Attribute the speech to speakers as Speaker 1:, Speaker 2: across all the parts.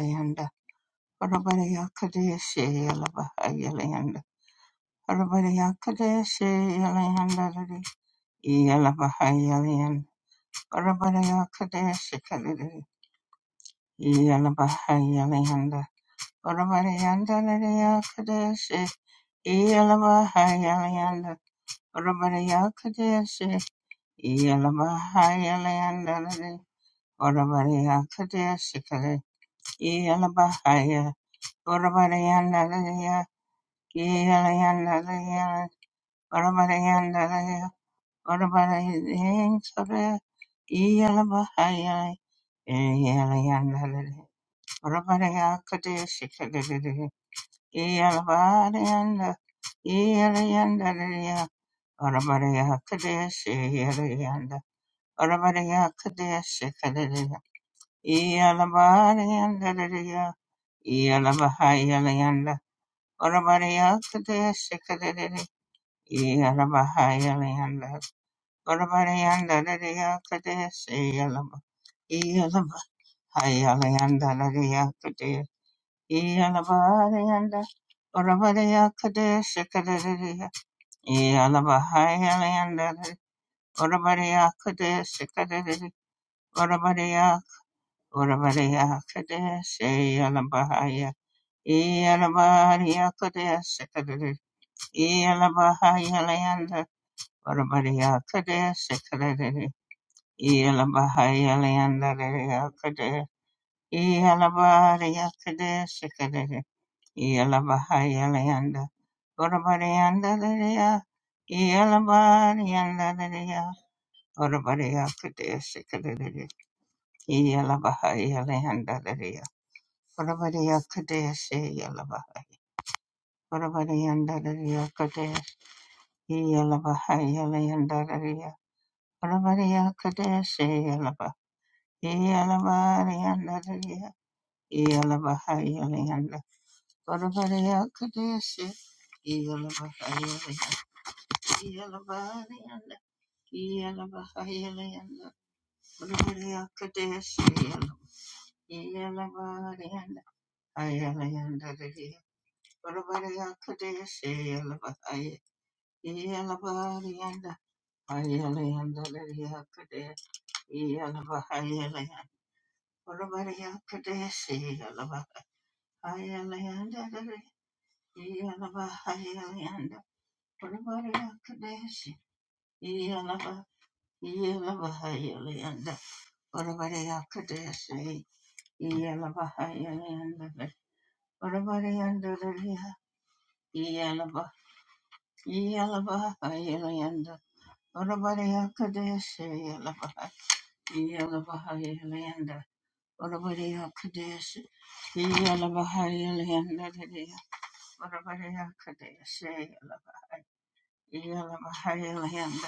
Speaker 1: Yanda Rabaria Kadeshi Yalabaha Yalayanda Rabaria Kadeshi Yalayanda Yalabaha Yalayanda Rabaria Kadeshi Kadidi Yalabaha Yalayanda Rabarianda Laria Kadeshi Yalabaha Yalayanda Rabaria Kadeshi Yalabaha Yalayanda Rabaria Kadeshi Kadi Yalabahaya Rabaria Yeah, Yalabahaya Yalanda, Orabariya Kadea Yalabahayalayandalayakalaya. Yalabarayakadesikalaya. Yalabahayalayanda. Orabarayandalaya. Yalabarayandalaya. Orabarayakadesikalaya. Yalabahayalayandalaya. Orabarayakadesi yalabaha. Orabarayandalayakalaya. Yalabahayalayandalaya. Orabarayakadesi yalabaha. Yalabarayandalaya. Yalabahayalanda. Varavareyakadesi. Yalabahayalanda. Yalabahayalanda. Yalabahayalanda. Varavareyakadesi. Yalabahayalanda. Ayalayanda. Varavareyakadesi. Yalabahaya- Yalabahayalanda. Ayalayanda. Yakade- Yalabahayalanda. Varavareyakadesi. Yalabahayalanda. Yelava Hylianda Urabarea Kadeshi Yelava Yelava Hylianda Urabarea Kadeshi Yelava Hylianda Urabarea Daria Yelava Yelava Hylianda Urabarea Kadeshi Yelava Yelava Hylianda Urabarea Kadeshi Yelava Hylianda Urabarea Kadeshi Yelava Yelava Hylianda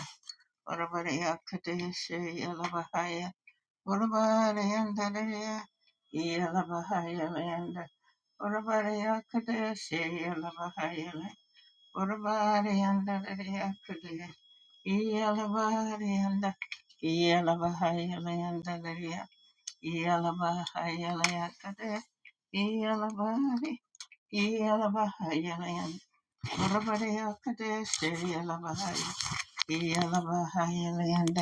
Speaker 1: Orabariyakadeshayalabahaya. Orabariyandariya yalabahayalayanda. Orabariyakadeshayalabahayalay. Orabariyandariya yalabariyanda. Yalabahayalayandariya yalabahayalayakade. Yalabari yalabahayalayanda. Orabariyakadeshayalabahaya. Yalabahayalayanda.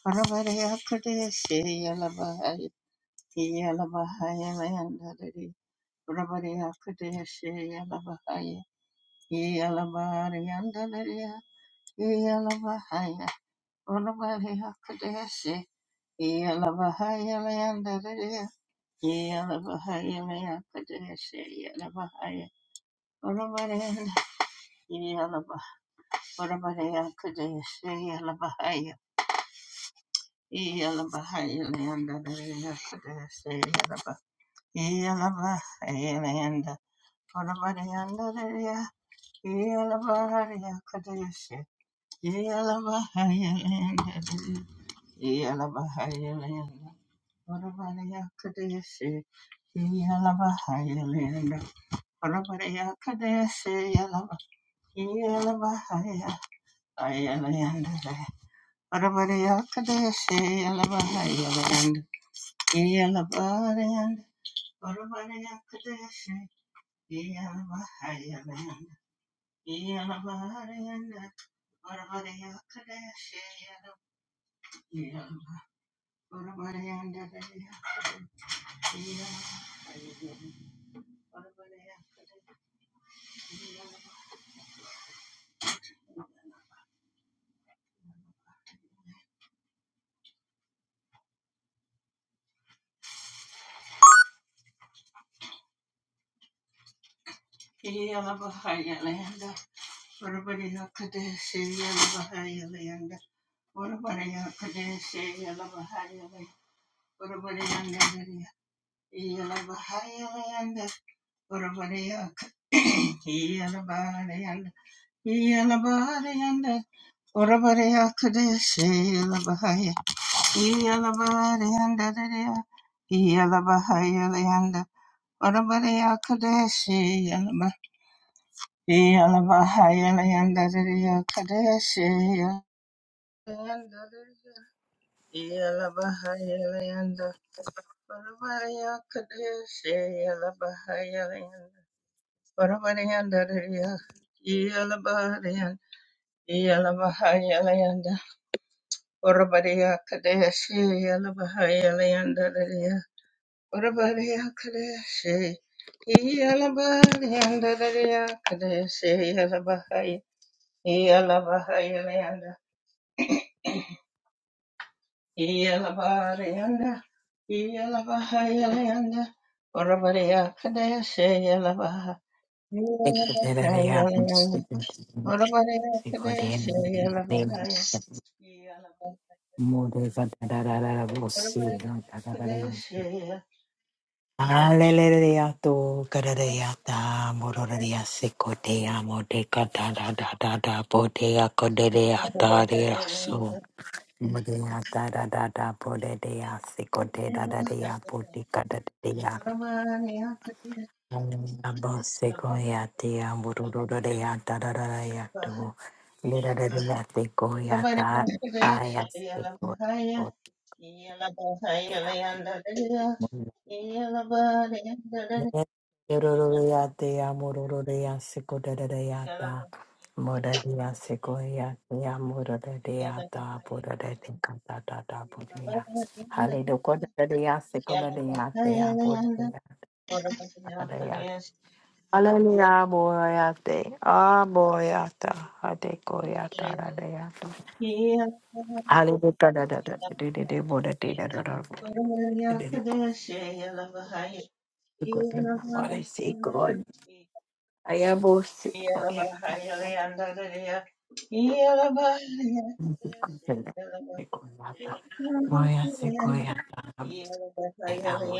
Speaker 1: Rabariya Pradeshi Yalabahaya, Yalabahaya, Mayandari Rabariya Pradeshi Yalabahaya, Yalabariyandari Yalabahaya, Rabariya Pradeshi Yalabahaya, Mayandari Yalabahaya, Maya Pradeshi Yalabahaya Rabariya Yalabah Rabariya Pradeshi Yalabahaya Yalabahaya Mayandari Pradeshi Yalabahaya Yalabahayalanda, Yalabahayalanda, Yalabahayalanda, Yalabahayalanda, Yeah. Orabareya kadeshe labahaya. Iya labareya ndareya. Iya labahaya layanda. Orabareya kadeshe yalaba. Iya labahaya layanda reya kadeshe yalanda. Iya labahaya layanda. Orabareya kadeshe yalabahaya layanda. Orabareya ndareya. Iya labareya. Iya labahaya layanda. Orabaria Kadeshi Yalabahaya Leandadaria Orabaria Kadeshi Yalabaria Dadaria Kadeshi Yalabahaya Yalabahaya Leanda Yalabaria Yalabahaya Leanda Orabaria Kadeshi Yalabaha Yalabahaya
Speaker 2: Hallelujah
Speaker 1: Leanda Orabaria Kadeshi Yalabahaya Yalabahaya Orabaria Kadeshi
Speaker 2: to Kadadayata Mororia Sekotea Modeka da da da da da Bodea Kodea Daria so Modea da da da da Bodea Sekote da da dea Bodeka Abosekoyatea, Murudodea, Dadadayatu, Lidadayatekoyata, Ayasekoyatea. Murudodeatea, Murudodea, Sekodadadayata, Murudodea, Sekoyatea, Murudodeata, Burudodeatatata, Burudodeata. Halidokodadadea,
Speaker 1: Yeah.
Speaker 2: Sekodadeatea, Burudodeatadadea. Hallelujah, Boyate. Ah, Boyata.
Speaker 1: Yeah.
Speaker 2: Hate Koyata. Dadayata. Hallelujah. Da da da da da da bo da da da da da. Da da da. Good thing. What I say, God. I am both Koyata. Koyata. Moya se koyata. Te amo.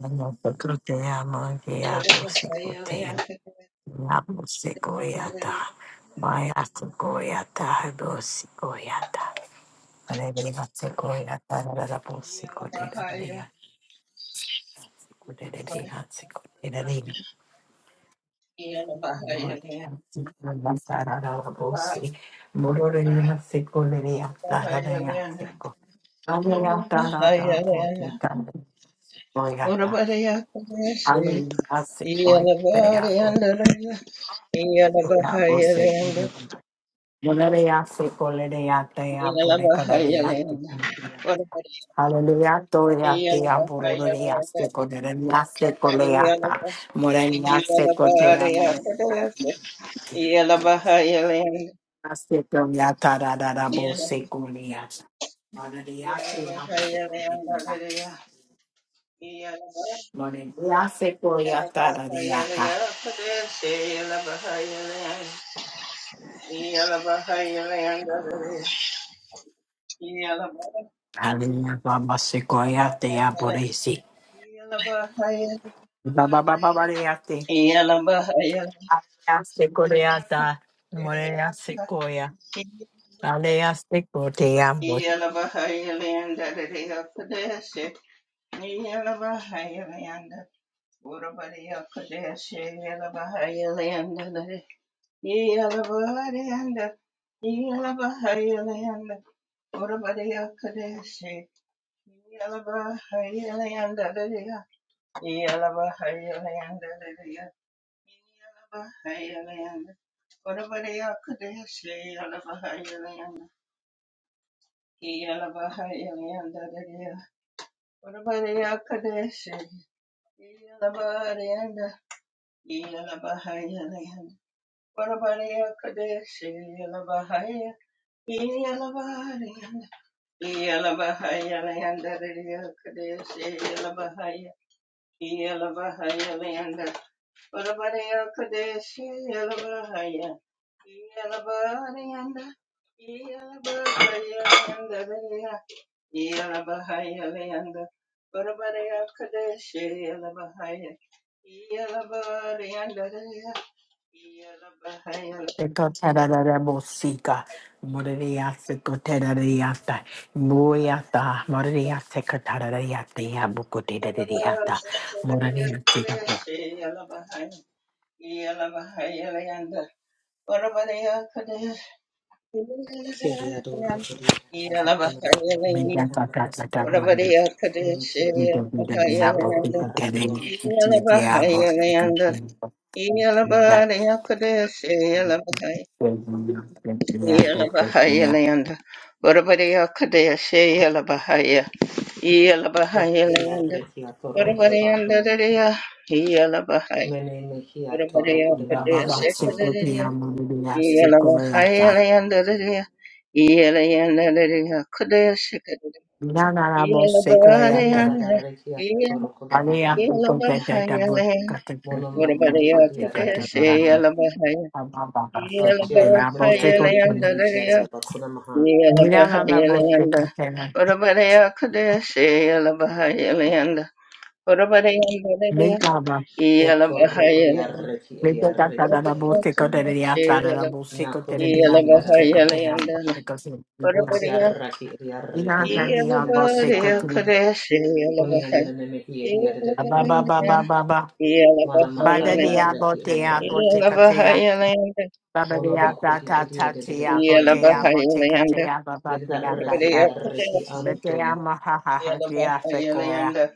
Speaker 2: Nosotros te amo. Diablo se cotea. Diablo se koyata. Maya se koyata. Diablo koyata. Hallelujah.
Speaker 1: Yala bahaya, yala bahaya, yala bahaya, yala bahaya, yala bahaya, yala. Ora bahaya, kudesi, yala bahaya, yala yala bahaya, yala yala bahaya, yala. Ora bahaya,
Speaker 2: Hallelujah, Gloria,
Speaker 1: yala bahaya, yala yala yala bahaya, kudesi, yala
Speaker 2: Dea,
Speaker 1: bahaya, yala
Speaker 2: Bororia,
Speaker 1: yala bahaya,
Speaker 2: Secoderia, Secoleata, Morenia, Secotea, Morenia, Secoria, Tararabo, Secoria, Morenia, Seamo, Secoria,
Speaker 1: Yeah.
Speaker 2: Morenia, Secoria,
Speaker 1: Yellow
Speaker 2: Tararia, Hallelujah, Baba, Secoria, Dea, Borisi, Baba, Baba, Bariate,
Speaker 1: Bahia
Speaker 2: Secoreata, Morenia, Secoia, Alea, Secotea,
Speaker 1: Land, Yelabariyanda, Yelabariyanda, Urabariyakarese, Yelabariyanda, Dariya, Yelabariyanda, Dariya, Yelabariyanda, Urabariyakarese, Yelabariyanda, Yelabariyanda, Dariya, Urabariyakarese, Yelabariyanda, Yelabariyanda, Urabariyakarese, Yelabariyanda, Yalabahaya,
Speaker 2: Ekotararabosika, morariase kotarariata, moyata, morariase katarariate, abukotarariata, morariase kato.
Speaker 1: Yalabahaya, Yalabahaya, Yalabahaya,
Speaker 3: Kiariador Kuriaraba Kunamaha
Speaker 2: Mediata
Speaker 3: Yakura
Speaker 2: kata kavale,
Speaker 3: Mentiara
Speaker 2: medabida
Speaker 3: Yansoro
Speaker 2: diabo, ikukere,
Speaker 3: Kuriarakian
Speaker 2: diabo, ikukere, diabo, ikukere,
Speaker 3: Yariarakia Torokodabaha
Speaker 1: Yalabahaya,
Speaker 3: Mene
Speaker 1: Yalabahayalanda,
Speaker 3: Mehia
Speaker 2: Baba
Speaker 3: Torokodabahadabaha
Speaker 2: sekoya,
Speaker 1: Yalabahayalanda,
Speaker 2: morariase koyata, nanarabo sekoyata,
Speaker 3: Kuriarakia Torokodabaha
Speaker 2: Aliya ko te te te bo ka te te
Speaker 3: Monomo
Speaker 2: na
Speaker 3: Kodi
Speaker 2: bo te ko te na
Speaker 3: Ariadabaha
Speaker 2: no. Aba ba ba se ko te na bo se ko
Speaker 3: Vachiarokodiaraki
Speaker 2: te na.
Speaker 3: Entiadaba Kunamaha
Speaker 2: Mira tata na na bo se ko te na.
Speaker 1: Yalabahayalanda,
Speaker 2: Me na ba.
Speaker 3: Otorokodiaraki
Speaker 2: Me te ta ta
Speaker 3: Ariaraki
Speaker 2: na bo se ko
Speaker 3: Enti
Speaker 2: te ri a ta na bo se ko te
Speaker 3: Nakodi
Speaker 2: ri a
Speaker 1: Yelaba
Speaker 2: bo se ko te
Speaker 3: Adiadabaha
Speaker 2: na bo
Speaker 1: Yelayandana
Speaker 2: se ko se ri ta.
Speaker 1: Barabariya
Speaker 3: Votiaraki
Speaker 2: Mira
Speaker 3: idiaraki
Speaker 2: na
Speaker 3: and
Speaker 2: ni a bo se ko
Speaker 1: Yelabariya
Speaker 3: tiaradabaha.
Speaker 2: te.
Speaker 1: Kadeshi
Speaker 3: Kunian
Speaker 1: Yelabaha
Speaker 3: and enemiki
Speaker 2: Aba ba ba
Speaker 3: idiadabahiente.
Speaker 2: ba
Speaker 1: Yelabayan
Speaker 2: ba ba.
Speaker 1: Yelabaha
Speaker 2: Ba da ni a
Speaker 1: Yelayanda
Speaker 2: bo
Speaker 3: Manamakariaraki
Speaker 2: te a bo te
Speaker 3: idiaraki
Speaker 2: ko te
Speaker 1: Yelabaha
Speaker 3: anto.
Speaker 2: a.
Speaker 1: Yelayanda
Speaker 2: Ba ba ni a ta
Speaker 3: Monomakodi
Speaker 2: ta ta te a bo te a
Speaker 1: Yelabaha
Speaker 3: idiadabahiente.
Speaker 2: mo te ko te
Speaker 1: Yelayanda
Speaker 2: a ba ba te a ta
Speaker 3: Yedaraki
Speaker 2: ta.
Speaker 1: Barabariya
Speaker 3: idiaraki
Speaker 1: Kadeshi
Speaker 3: anto.
Speaker 2: Betea mahaha, tea
Speaker 1: Yelabaha
Speaker 2: sequoia,
Speaker 1: Yelayanda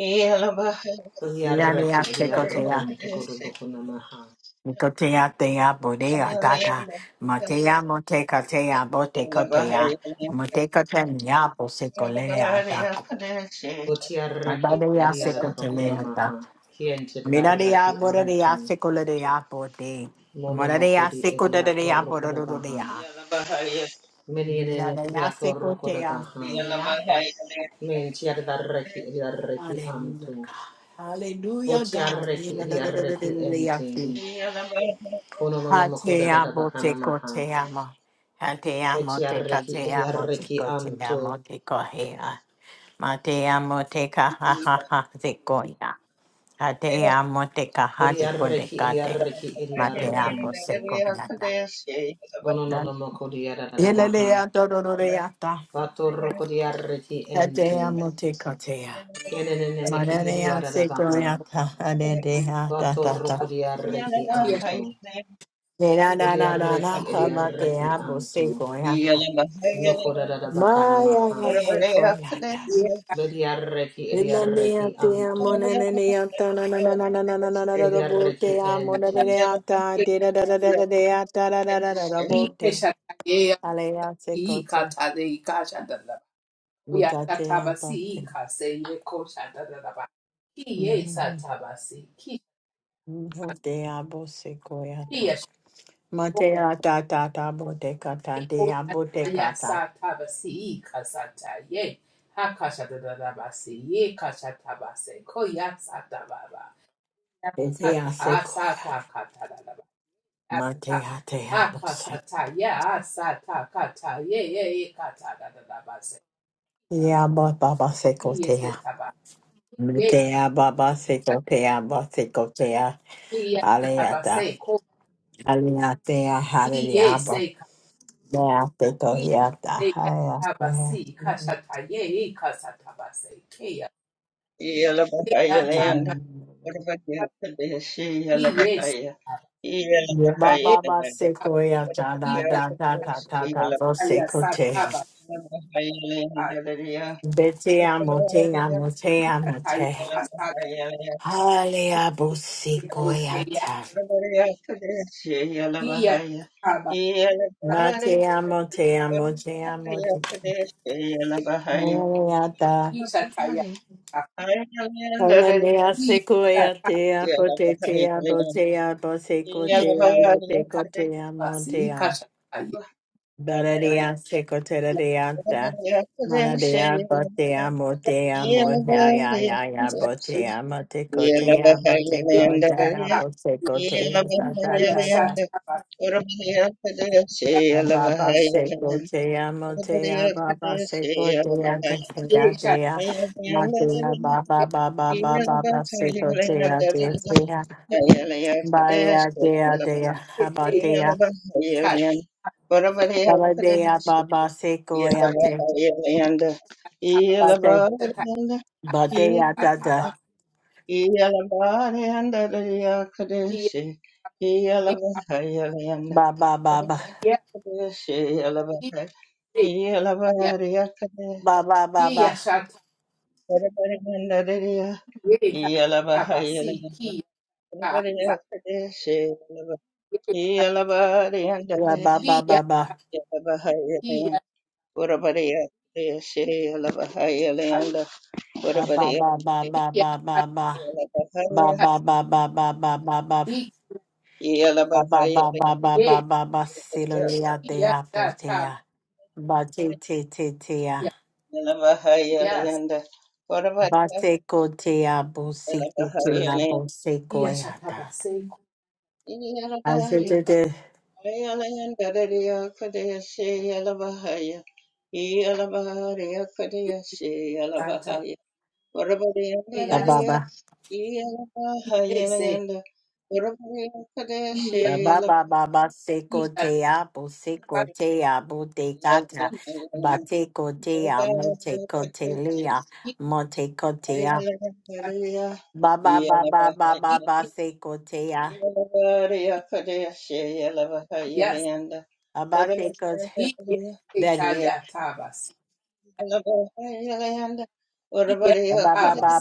Speaker 1: Yelabaha
Speaker 3: Votiaraki
Speaker 2: Miania
Speaker 1: Barabariya
Speaker 2: secotea,
Speaker 3: idiarokon to
Speaker 1: Kadeshi
Speaker 3: Kodobokonamaha.
Speaker 2: Nicotea tea bodea data,
Speaker 1: Yelayanda
Speaker 2: Matea moteca tea
Speaker 1: Yelabaha
Speaker 2: botecotea,
Speaker 1: Yelayanda
Speaker 2: Moteca teniapo secoleata,
Speaker 1: Yelabariya Kadeshi
Speaker 3: Votiaraki
Speaker 2: Abadea secoleata,
Speaker 3: idiadabakonamaha. Kiente
Speaker 2: Minaria
Speaker 3: daraki
Speaker 2: borea
Speaker 3: anto.
Speaker 2: secolea bote, Morea
Speaker 3: Monomakodi
Speaker 2: secolea
Speaker 3: idiatorokodabaha.
Speaker 2: borodea,
Speaker 1: Yelabaha Yelayanda
Speaker 3: Many an
Speaker 2: Minaria secotea,
Speaker 3: enekiatorokodabaha. Menti adarreki idiarreki
Speaker 2: Hallelujah,
Speaker 3: anto.
Speaker 2: God. Hallelujah,
Speaker 3: Voti
Speaker 2: God.
Speaker 3: arreki idiarreki
Speaker 2: Hallelujah,
Speaker 3: ente.
Speaker 2: God.
Speaker 3: Kono no
Speaker 2: Ha
Speaker 3: nomoko da
Speaker 2: te
Speaker 3: da da
Speaker 2: amo
Speaker 3: bakana
Speaker 2: te ko
Speaker 3: maha.
Speaker 2: te amo. Ha te amo
Speaker 3: Eti
Speaker 2: te ka
Speaker 3: arreki
Speaker 2: te amo te
Speaker 3: idiarreki
Speaker 2: ko te
Speaker 3: anto.
Speaker 2: amo te ko he a. Ma te amo te ka ha ha ha te ko ia. Ha te amo te ka ha
Speaker 3: Kori
Speaker 2: te ko te
Speaker 3: arreki
Speaker 2: ka te.
Speaker 3: idiarreki
Speaker 2: Ma te amo
Speaker 3: idiarrokonto.
Speaker 2: se ko ia ta.
Speaker 3: Kono no
Speaker 2: Dan-
Speaker 3: nomoko dia da da
Speaker 2: Ele le
Speaker 3: baha.
Speaker 2: a toro ro re ta.
Speaker 3: Vato roko diarreki
Speaker 2: Ha te
Speaker 3: ente.
Speaker 2: amo te ko te a.
Speaker 3: Kene ne ne
Speaker 4: Yes,
Speaker 2: Ma re
Speaker 3: meki
Speaker 2: re a
Speaker 3: idiara da
Speaker 2: se ko
Speaker 3: baha.
Speaker 2: ia ta. Ha re re ta
Speaker 3: Vato
Speaker 2: ta ta.
Speaker 3: roko diarreki anto.
Speaker 2: Re ra ra
Speaker 3: Voti
Speaker 2: ra ra ra
Speaker 3: arreki
Speaker 2: ha ma te
Speaker 3: idiarreki
Speaker 2: amo se
Speaker 3: anto.
Speaker 2: ko ia ta.
Speaker 3: Noko da da da bakana
Speaker 2: Maya
Speaker 3: maha.
Speaker 2: yay hey for yada.
Speaker 3: Bediarreki ediarreki
Speaker 2: Ilamiante
Speaker 3: anto.
Speaker 2: amonene anta na na na na na na na na na na na bote
Speaker 3: Ediarreki
Speaker 2: amo na na
Speaker 3: ente.
Speaker 2: na anta de da da da da da de anta da da da da da
Speaker 1: Yeah.
Speaker 2: bote. Alea se kote. Nikate ampate. Bote abo se koyata. Mate ata ta ta bote kata de abote kata. Ese a se koya. Mate
Speaker 4: Aka-
Speaker 2: ate abo se.
Speaker 4: Akasata, yeah, asata, kata, yeah, yeah, yeah, kata, da, da, da, ba, se,
Speaker 2: Ya bo baba se
Speaker 4: yes,
Speaker 2: kote
Speaker 4: se, taba, yes, se
Speaker 2: Metea baba
Speaker 4: ta-
Speaker 2: sekotea ba sekotea
Speaker 4: iye, se, taba,
Speaker 2: haleata
Speaker 4: se, ko,
Speaker 2: haleatea
Speaker 4: yes,
Speaker 2: haleaba
Speaker 4: se, ka,
Speaker 2: mea
Speaker 4: yes,
Speaker 2: sekoyata
Speaker 4: se, ya, taba,
Speaker 2: haleatea
Speaker 4: si, kasata, yeah, yeah, kasata, ba, se, ke, ya, we,
Speaker 1: Yalabahaya
Speaker 4: ya, ta,
Speaker 1: land.
Speaker 4: da,
Speaker 1: What about
Speaker 4: da,
Speaker 1: the Kadeshi
Speaker 4: yes,
Speaker 1: Yalabahaya?
Speaker 4: taba,
Speaker 2: Ye
Speaker 1: Yalabahaya
Speaker 4: yes,
Speaker 2: baba ba
Speaker 1: land.
Speaker 4: taba,
Speaker 1: What
Speaker 2: sekoyata
Speaker 1: about
Speaker 4: yes,
Speaker 2: da
Speaker 4: taba,
Speaker 2: da
Speaker 1: the
Speaker 2: da da da
Speaker 1: Kadeshi
Speaker 2: da bo
Speaker 4: ya,
Speaker 1: Yalabahaya?
Speaker 4: sa,
Speaker 2: sekotea
Speaker 4: taba,
Speaker 1: Yalabahaya land.
Speaker 4: ah,
Speaker 1: Hallelujah. What
Speaker 2: betea
Speaker 1: about
Speaker 2: motea
Speaker 1: the
Speaker 2: motea
Speaker 4: kata, ya,
Speaker 2: mote
Speaker 4: asa,
Speaker 1: Yalabahaya land?
Speaker 2: haleabo
Speaker 4: ke, ke, ke, ya,
Speaker 2: sekoyata
Speaker 1: What about the Kadeshi
Speaker 4: ki, ya,
Speaker 1: Yalabahaya?
Speaker 4: taba,
Speaker 1: Yalabahaya.
Speaker 2: Matea motea
Speaker 1: What about
Speaker 2: motea
Speaker 1: the
Speaker 2: motea
Speaker 1: Kadeshi Yalabahaya?
Speaker 2: motea
Speaker 4: ki, sa, ta, ya,
Speaker 1: Yalabahaya.
Speaker 4: ta,
Speaker 1: Hallelujah.
Speaker 2: Hallelujah,
Speaker 4: ki,
Speaker 2: sequoia, tea, potatia,
Speaker 1: Yalabahaya land.
Speaker 2: botea, bosecotea, motecotea,
Speaker 1: Yalabahaya.
Speaker 4: Kaba si
Speaker 2: motea,
Speaker 4: kasha ta ye.
Speaker 1: Yeah.
Speaker 2: baradia, secotariata, maradea, botea, motea, mohaya, yaya, botea, motecotea,
Speaker 4: Ye
Speaker 2: motecotea,
Speaker 4: ah
Speaker 2: bosecotea,
Speaker 4: ye ye
Speaker 2: satata,
Speaker 4: sa kaba
Speaker 2: baba, secotea, motea, baba, secotea,
Speaker 4: ye sh ta
Speaker 2: secotea, matea, baba,
Speaker 4: ye
Speaker 2: baba, baba, secotea,
Speaker 4: kaba ye
Speaker 1: Yelabariyanda,
Speaker 4: ta
Speaker 1: yelabariyanda,
Speaker 4: ta
Speaker 1: yela-
Speaker 4: kaba
Speaker 1: yelabariyanda,
Speaker 4: ki ye
Speaker 1: yakadeshi,
Speaker 4: ki
Speaker 1: yelabariyanda,
Speaker 4: ye
Speaker 1: kadeshi,
Speaker 4: ki
Speaker 1: yelabari-
Speaker 4: ye ta ye
Speaker 1: yelabariyakade,
Speaker 4: ki ye sh ta
Speaker 1: yelabariyanda, yela-
Speaker 4: ye kaba
Speaker 1: yelabariyanda,
Speaker 4: si ki ah sa
Speaker 1: yelabariyakadeshi, yelaba-
Speaker 4: ki
Speaker 1: yelabariyanda, yelabariyanda, yelabariyakadeshi, yelabariyanda,
Speaker 4: ye ki ye ta ta ki ye ki ta
Speaker 1: yelabariyakade,
Speaker 4: ta ki
Speaker 1: Yeah.
Speaker 4: ye ki ta ta ki ye ki ta ta ki ye sh kaba si ki ye ta ta ki ye sa ki ye sa Yes,
Speaker 2: Ba ba ba ba ba seko
Speaker 4: yes,
Speaker 2: te apo seko te apo te kata ba te ko te a mo te ko te lea mo te ko te a
Speaker 1: Yellow,
Speaker 2: ba ba ba ba ba ba ba seko te a
Speaker 4: yes,
Speaker 2: ba ba seko te bed ba ba ba ba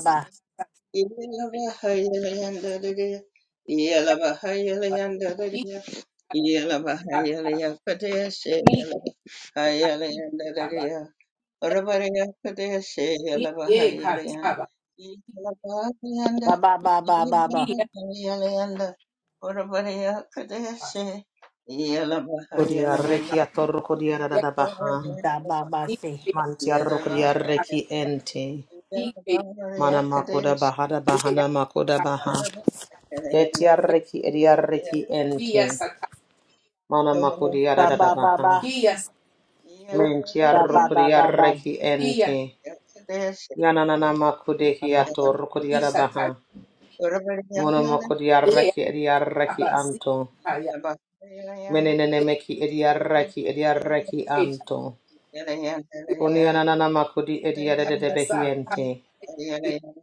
Speaker 2: ba ba ba ba
Speaker 1: Yeah.
Speaker 2: ba ba
Speaker 3: Kodiarreki atorro kodiarada baha.
Speaker 2: ba ba ba ba se
Speaker 3: Mantiarro kodiarreki ente. Mana makoda bahada bahana makoda baha. Betiarreki ediarreki ente. Mana
Speaker 2: ba
Speaker 3: makodiarada
Speaker 2: ba ba
Speaker 3: baha.
Speaker 2: ba ba ba ba
Speaker 3: Mentiarro
Speaker 2: ba ba
Speaker 3: kodiarreki
Speaker 2: ba
Speaker 3: ente. Yananana makodehi
Speaker 2: ba
Speaker 3: atorro kodiarada baha. Mono makodiarreki ediarreki anto. Menenene meki ediaraki ediaraki anto. Kunianana makudi ediadede behiente.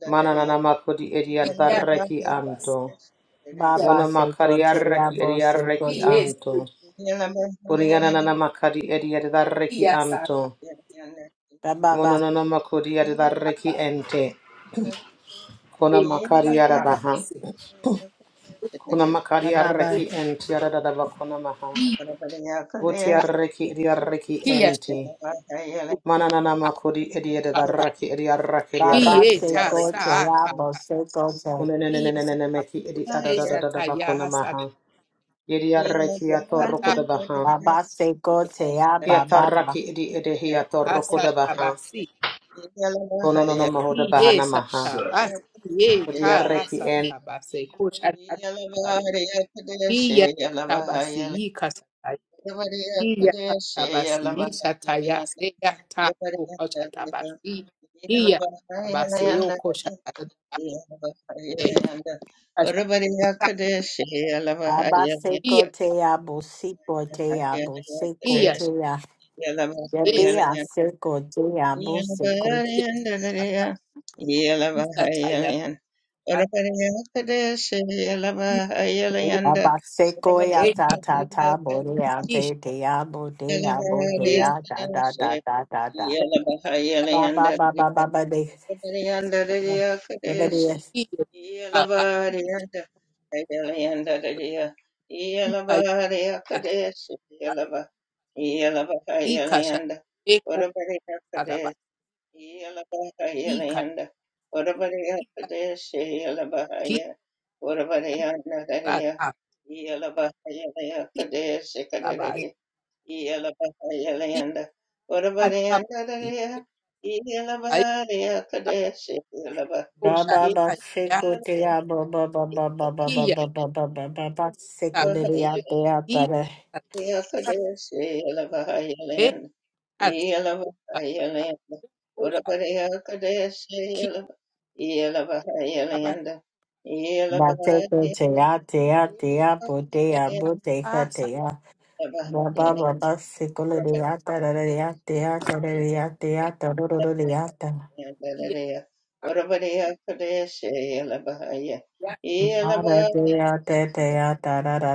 Speaker 3: Mananana makudi ediadaraki anto.
Speaker 2: ba ba
Speaker 3: Mona
Speaker 2: seko te
Speaker 3: makariaraki
Speaker 2: apo seko
Speaker 3: ediaraki anto. Kunianana makadi ediadaraki
Speaker 4: yes,
Speaker 3: anto.
Speaker 2: te ba ba
Speaker 3: Mononono makudi ediaraki ente. Kona
Speaker 4: Yes,
Speaker 3: makariara baha.
Speaker 4: Tabaseo,
Speaker 3: Kona
Speaker 2: ba ba ba ba
Speaker 3: makariaraki ente yaradada bakona maha. Utiaraki ediaraki ente.
Speaker 4: Kosha,
Speaker 3: Mananana makodi ediada raki ediaraki
Speaker 2: ba ba
Speaker 3: ediaraki
Speaker 2: seko
Speaker 3: ediaraki
Speaker 2: te
Speaker 3: anto.
Speaker 2: apo seko te
Speaker 3: Unenenenenene meki ediada da da da da bakona maha. Yediaraki atoroko da baha.
Speaker 2: Abasekote
Speaker 1: Yeah.
Speaker 2: bababa.
Speaker 3: Kiataraki edi edehi
Speaker 1: Yalabahaya
Speaker 3: atoroko da baha. Kononono maho da bahana maha. Odiaraki en.
Speaker 4: Iya,
Speaker 2: Abasekote abosikote
Speaker 4: iya,
Speaker 2: abosekote ya.
Speaker 4: yes,
Speaker 2: Yebe asekote
Speaker 1: Yellow,
Speaker 4: iya,
Speaker 2: abosekote.
Speaker 4: Iya,
Speaker 1: Yelava
Speaker 4: Iya, kakisa tooko,
Speaker 2: Abaseko
Speaker 4: e
Speaker 2: ya ta ta ta bore ya
Speaker 4: kakisha,
Speaker 2: te te ya bo te ya bo te
Speaker 4: yes,
Speaker 2: ya da da da da da da. Ba
Speaker 1: Yelanda,
Speaker 2: ba ba ba ba ba de. Ba de yes.
Speaker 4: kakiyo, kabasiki, kaya, kakabasika, shakeko,
Speaker 1: Utabadiya
Speaker 4: sadabasika,
Speaker 1: Yelabahayalayanda, Urabariyapadeshe
Speaker 4: kisa,
Speaker 1: Yelabahaya, Urabariyanagariya,
Speaker 4: kakisa,
Speaker 1: Yelabahayalayakadeshe Kadari,
Speaker 4: sabasika,
Speaker 1: Yelabahayalayanda,
Speaker 4: sabasika,
Speaker 1: Urabariyanagariya,
Speaker 4: aisa,
Speaker 1: Yelabahariyakadeshe Yelaba,
Speaker 2: Ba
Speaker 4: kosha,
Speaker 2: ba ba
Speaker 4: taya,
Speaker 2: seko te
Speaker 1: Yelabahariyakadeshe
Speaker 2: ya bo ba ba ba ba ba ba
Speaker 4: kiya,
Speaker 2: ba ba ba ba ya
Speaker 1: Yelabahaya,
Speaker 4: sabasika,
Speaker 2: te ya ta
Speaker 4: kisa, taya,
Speaker 1: Yelabahayalayanda,
Speaker 4: atakasa,
Speaker 1: Yelavahayalanda,
Speaker 4: kosha,
Speaker 1: Uravaryakadesha
Speaker 4: kiya,
Speaker 1: Yelava,
Speaker 4: basika,
Speaker 1: Yelavahayalanda,
Speaker 2: Baa
Speaker 1: Yelavahayalanda,
Speaker 2: baa
Speaker 1: Yelavahayalanda,
Speaker 4: asa,
Speaker 2: baa baa. Sikolere
Speaker 1: Uravaryakadesha
Speaker 2: baa. Tara da baa baa baa baa.
Speaker 4: Yes, Abba.
Speaker 1: Uravaryakadesha Yelavahaya,
Speaker 4: Yes,
Speaker 1: Yelavahayalanda,
Speaker 2: Ma baa baa baa baa.
Speaker 1: Yelavahayalanda,
Speaker 2: Tara da da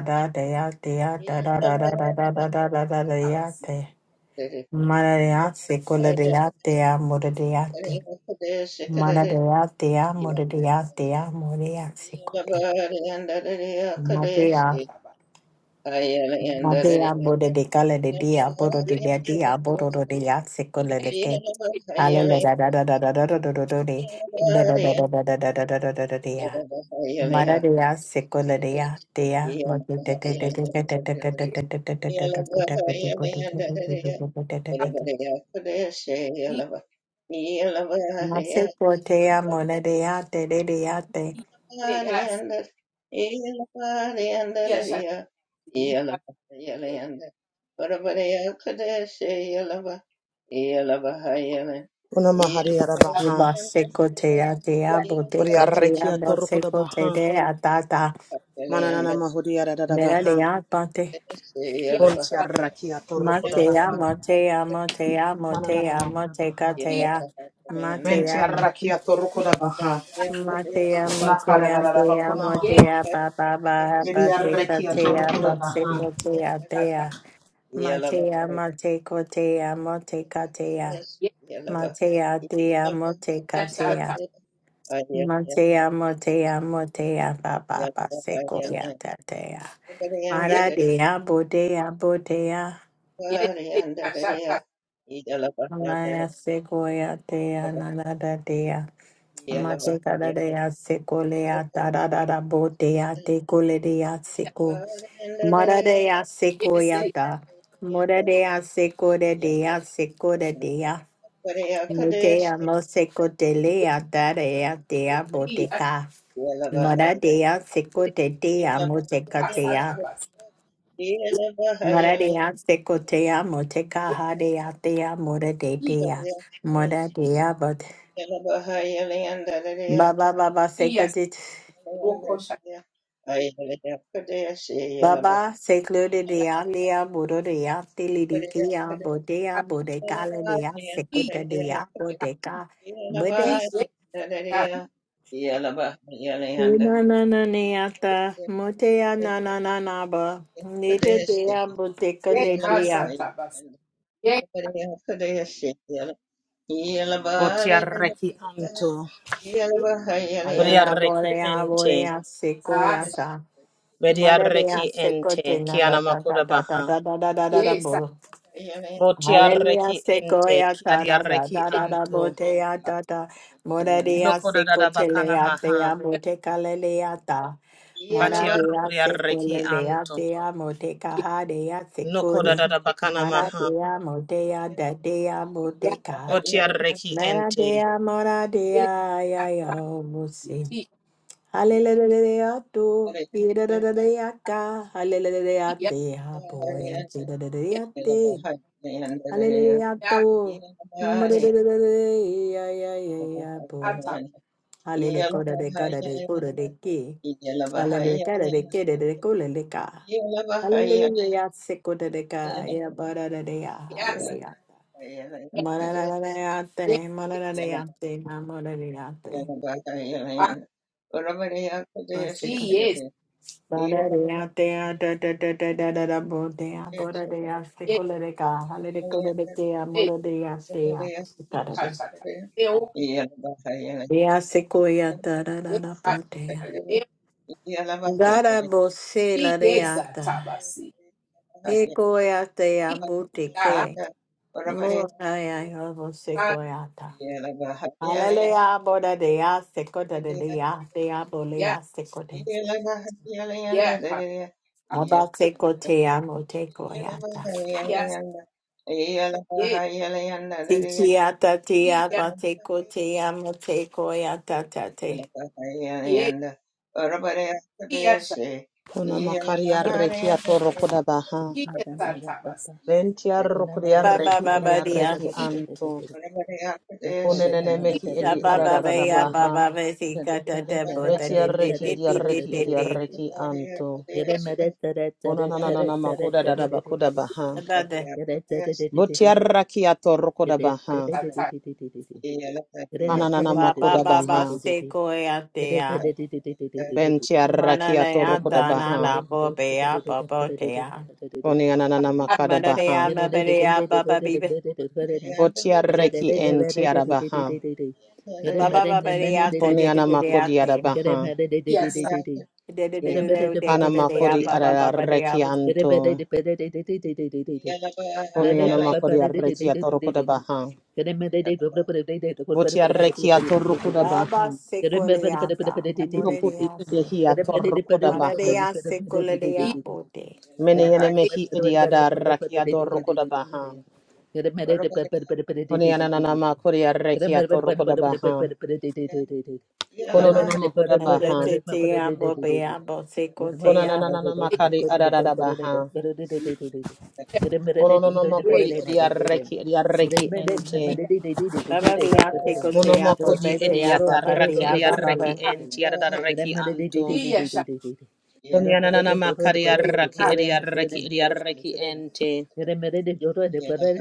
Speaker 2: da baa baa baa baa. Ma baa baa baa
Speaker 4: Abba.
Speaker 2: baa.
Speaker 4: Yes,
Speaker 2: Sikolere baa baa. Murere baa. Ma baa baa baa
Speaker 1: Uravaryakadesha
Speaker 2: baa. Murere baa baa. Murere
Speaker 1: Yeah.
Speaker 2: sikote. Ma baa.
Speaker 4: Abba.
Speaker 2: Madea Buddha de Gala de Dia, Bodo de
Speaker 4: Yes,
Speaker 2: Dia Dia, Bodo de ya secole
Speaker 4: yes.
Speaker 2: leke Alele da da da da da da da da da da de, da da da da da da da da da da da da dea. Mada de Yaxicola dea, dea, Mother de ya. Mote de de de de de de de de de de de de de de de de de de.
Speaker 4: Yes,
Speaker 2: Masecotea monadea te de deate,
Speaker 1: Yellow,
Speaker 4: yes. Yes, yes.
Speaker 3: Una mahari ada baha.
Speaker 2: Ribasecotea dea,
Speaker 3: Odiaraki
Speaker 2: Botecotea,
Speaker 3: atoroko da baha.
Speaker 2: Mosecotea tata,
Speaker 3: Mananana mahodi ada da da
Speaker 2: Mera
Speaker 3: baha.
Speaker 2: dea pate.
Speaker 3: Pontiaraki atoroko da
Speaker 2: Matea,
Speaker 3: baha.
Speaker 2: Matea, Matea,
Speaker 3: Mananana
Speaker 2: Matea,
Speaker 3: maho da
Speaker 2: Mateka,
Speaker 3: baha.
Speaker 4: Yes,
Speaker 2: Tea,
Speaker 3: Venti
Speaker 2: Matea, Ma-
Speaker 3: arrakia toruko da baha.
Speaker 2: Matea, Matea, Tea,
Speaker 4: yes.
Speaker 3: Nakarararabakunamaha.
Speaker 2: Matea, Baba, Baha,
Speaker 3: Mediarreki
Speaker 2: Bateka, Tea,
Speaker 3: atorukuramaha.
Speaker 2: Baseko, Tea, Tea, Matea, Mateko, Tea, Mateka, Tea, Matea, Tea, Mateka,
Speaker 4: Yes,
Speaker 2: Tea,
Speaker 4: Satan.
Speaker 1: Yeah.
Speaker 2: Matea, Matea, Matea, Baba, Baseko, tea. Tea,
Speaker 4: Yes,
Speaker 2: Maradea, Bodea, Bodea,
Speaker 4: yes, Satan. Yes, yes, yes, Satan.
Speaker 2: Amaya sequoia dea nanada dea. Amache cada dea sequoia da da da da bo dea de cole dea
Speaker 4: Yes,
Speaker 2: seco. Mora dea
Speaker 4: yes,
Speaker 2: sequoia da. Mora dea seco de dea seco de dea. Mutea mo seco de lea da dea dea boteca. Mora dea seco de dea moteca
Speaker 4: yes,
Speaker 2: dea.
Speaker 4: Satan.
Speaker 2: Mora dea seco dea moteca ha dea dea mora de
Speaker 4: Yes,
Speaker 2: dea. Mora dea but. Baba baba
Speaker 4: yes,
Speaker 2: sekadit
Speaker 4: Oko Satan.
Speaker 1: Yeah.
Speaker 2: baba seklode de alia bodo de ya tilidikia bodea bodekala de ya
Speaker 4: Yes,
Speaker 2: sekota de ya bodeka bodes
Speaker 4: yes, yes, Satan.
Speaker 2: na na na neata motea na na na na ba nita de ya bodeka
Speaker 4: Yes,
Speaker 2: le
Speaker 4: yes,
Speaker 2: de
Speaker 4: yes,
Speaker 2: ya
Speaker 4: yes,
Speaker 3: Botiarreki anto.
Speaker 2: alea
Speaker 3: Bodiarreki
Speaker 2: borea
Speaker 3: ente.
Speaker 2: borea sekoyata mada de ya
Speaker 3: Mediarreki
Speaker 2: sekote
Speaker 3: ente.
Speaker 2: na da da da da da
Speaker 3: Kianamakurabaha.
Speaker 2: da da da da da bo Hallelujah,
Speaker 3: Botiarreki ente.
Speaker 2: sequoia, da da da
Speaker 3: Kiadiarreki
Speaker 2: da da da,
Speaker 3: anto.
Speaker 2: botea, da da, moradia, sequotelea, dea,
Speaker 3: Nokodadabakanamaha.
Speaker 2: motecalelea, da, moradia,
Speaker 3: Batiarrukuriarreki
Speaker 2: sequolelea,
Speaker 3: anto.
Speaker 2: dea,
Speaker 4: yes,
Speaker 2: motecaha, dea, sequore,
Speaker 4: yes,
Speaker 1: Ora
Speaker 3: Nokodadabakanamaha.
Speaker 2: maradia, motea, da dea,
Speaker 4: yes,
Speaker 2: moteca,
Speaker 3: Botiarreki ente.
Speaker 2: maradea, moradia,
Speaker 4: yes,
Speaker 2: ya, yo,
Speaker 4: Yes,
Speaker 2: Hallelujah, to be da da da da ya Hallelujah, te ha boy, and see da da da ya te. Hallelujah, to Mm, da da da da da ya ya ya ya bo. Hallelujah, ko da de ka da de ko da de ki. Hallelujah, ka da de ki da de ko le ka. Hallelujah, se ko de ka ya ba da da da ya. Hallelujah. Ma da da
Speaker 1: bariya kudeya shikare de. Iya
Speaker 2: Gara
Speaker 1: la
Speaker 2: bose
Speaker 1: kudeya shikare. Iya la kudeya shikare.
Speaker 2: la reata, e coiata e a boutique, moraia e você
Speaker 1: Yeah.
Speaker 2: coiata. Aleluia, bora de a secota de dea, dea bolea secote. Aba secote a mote coyata. Tiki ata te abateko te amateko ata tate.
Speaker 1: Yanda orabare akadeshe
Speaker 3: Kuna
Speaker 1: yela bahare
Speaker 3: Kunamakariarreki
Speaker 1: orabare
Speaker 3: atorukudabaha.
Speaker 5: Yere
Speaker 1: akadeshe
Speaker 2: Ba ba
Speaker 3: Ventiarrukuriarreki
Speaker 2: ba ba dia.
Speaker 3: eriarreki anto.
Speaker 1: yela bahare akadeshe
Speaker 3: Konenene mehi
Speaker 2: Ya
Speaker 3: edi
Speaker 2: ba ba ba
Speaker 3: arararara
Speaker 2: ya ba
Speaker 3: baha.
Speaker 2: ba ba si kata te
Speaker 1: yela bahare akadeshe yela
Speaker 2: bo te
Speaker 3: Beti
Speaker 1: bahare
Speaker 2: te te
Speaker 3: arreki
Speaker 2: te
Speaker 3: edi
Speaker 2: te te
Speaker 3: arreki
Speaker 2: te
Speaker 3: edi
Speaker 2: te.
Speaker 3: arreki anto. Konanana makoda dada bakoda baha.
Speaker 2: Ata te.
Speaker 1: akadeshe
Speaker 3: Boti arraki atoroko da baha.
Speaker 1: yela bahare
Speaker 3: Ananana
Speaker 2: Ba ba
Speaker 3: makoda
Speaker 2: ba ba
Speaker 3: baha.
Speaker 2: se ko ya te ya.
Speaker 3: Benti arraki
Speaker 2: Mana na ya
Speaker 3: atoroko da
Speaker 2: ta na
Speaker 3: baha.
Speaker 2: na bo be ya bo bo te ya.
Speaker 3: Koni ananana makada
Speaker 2: Mana de
Speaker 5: Get
Speaker 3: baha.
Speaker 2: ya ma ba ya ba ba bi be.
Speaker 3: Boti arreki enti arabaha.
Speaker 2: Ba ba ba ba ya te
Speaker 3: Koni
Speaker 2: te te te te ya
Speaker 3: anamakodi
Speaker 2: te.
Speaker 3: arabaha.
Speaker 2: De de de de de de ko de de ya
Speaker 3: Anamakodi
Speaker 2: ba ba ba ba
Speaker 3: ararareki
Speaker 2: ya.
Speaker 3: anto. Koni anamakodi arreki atoroko da baha. Boti arreki atoroko da baha.
Speaker 2: Raba sekoleata,
Speaker 3: Nokudi
Speaker 2: morelia
Speaker 3: idehi
Speaker 2: seko,
Speaker 3: atorokoda baha.
Speaker 2: mararia sekolea bote.
Speaker 1: Ila
Speaker 3: Mene
Speaker 5: Thank
Speaker 3: yene
Speaker 1: bahai,
Speaker 3: mehi idiada raki adorokoda baha.
Speaker 1: baro pa kita
Speaker 3: Kone
Speaker 1: kuteus.
Speaker 3: ananama kuria reki atorokoda baha.
Speaker 1: Ila bahai, baro pa kita kuteus. Ila
Speaker 3: Kono no
Speaker 1: bahai,
Speaker 3: nama hoda baha.
Speaker 2: Agetea
Speaker 5: you.
Speaker 2: bobea bo
Speaker 5: Remember,
Speaker 3: Kona
Speaker 1: baro
Speaker 2: sekotea,
Speaker 1: pa kita kuteus. Ila bahai, baro pa kita kuteus.
Speaker 3: nanana makari adada baha. Kono no nama kodi idia reki idia reki ente.
Speaker 1: Ila
Speaker 2: bababia
Speaker 3: Mono
Speaker 2: sekotea
Speaker 3: makodi idia taraki
Speaker 2: bobetea
Speaker 3: idia reki ente adada reki anto. Kone
Speaker 1: bahai, baro pa
Speaker 3: ananana makari raki idia reki idia reki ente.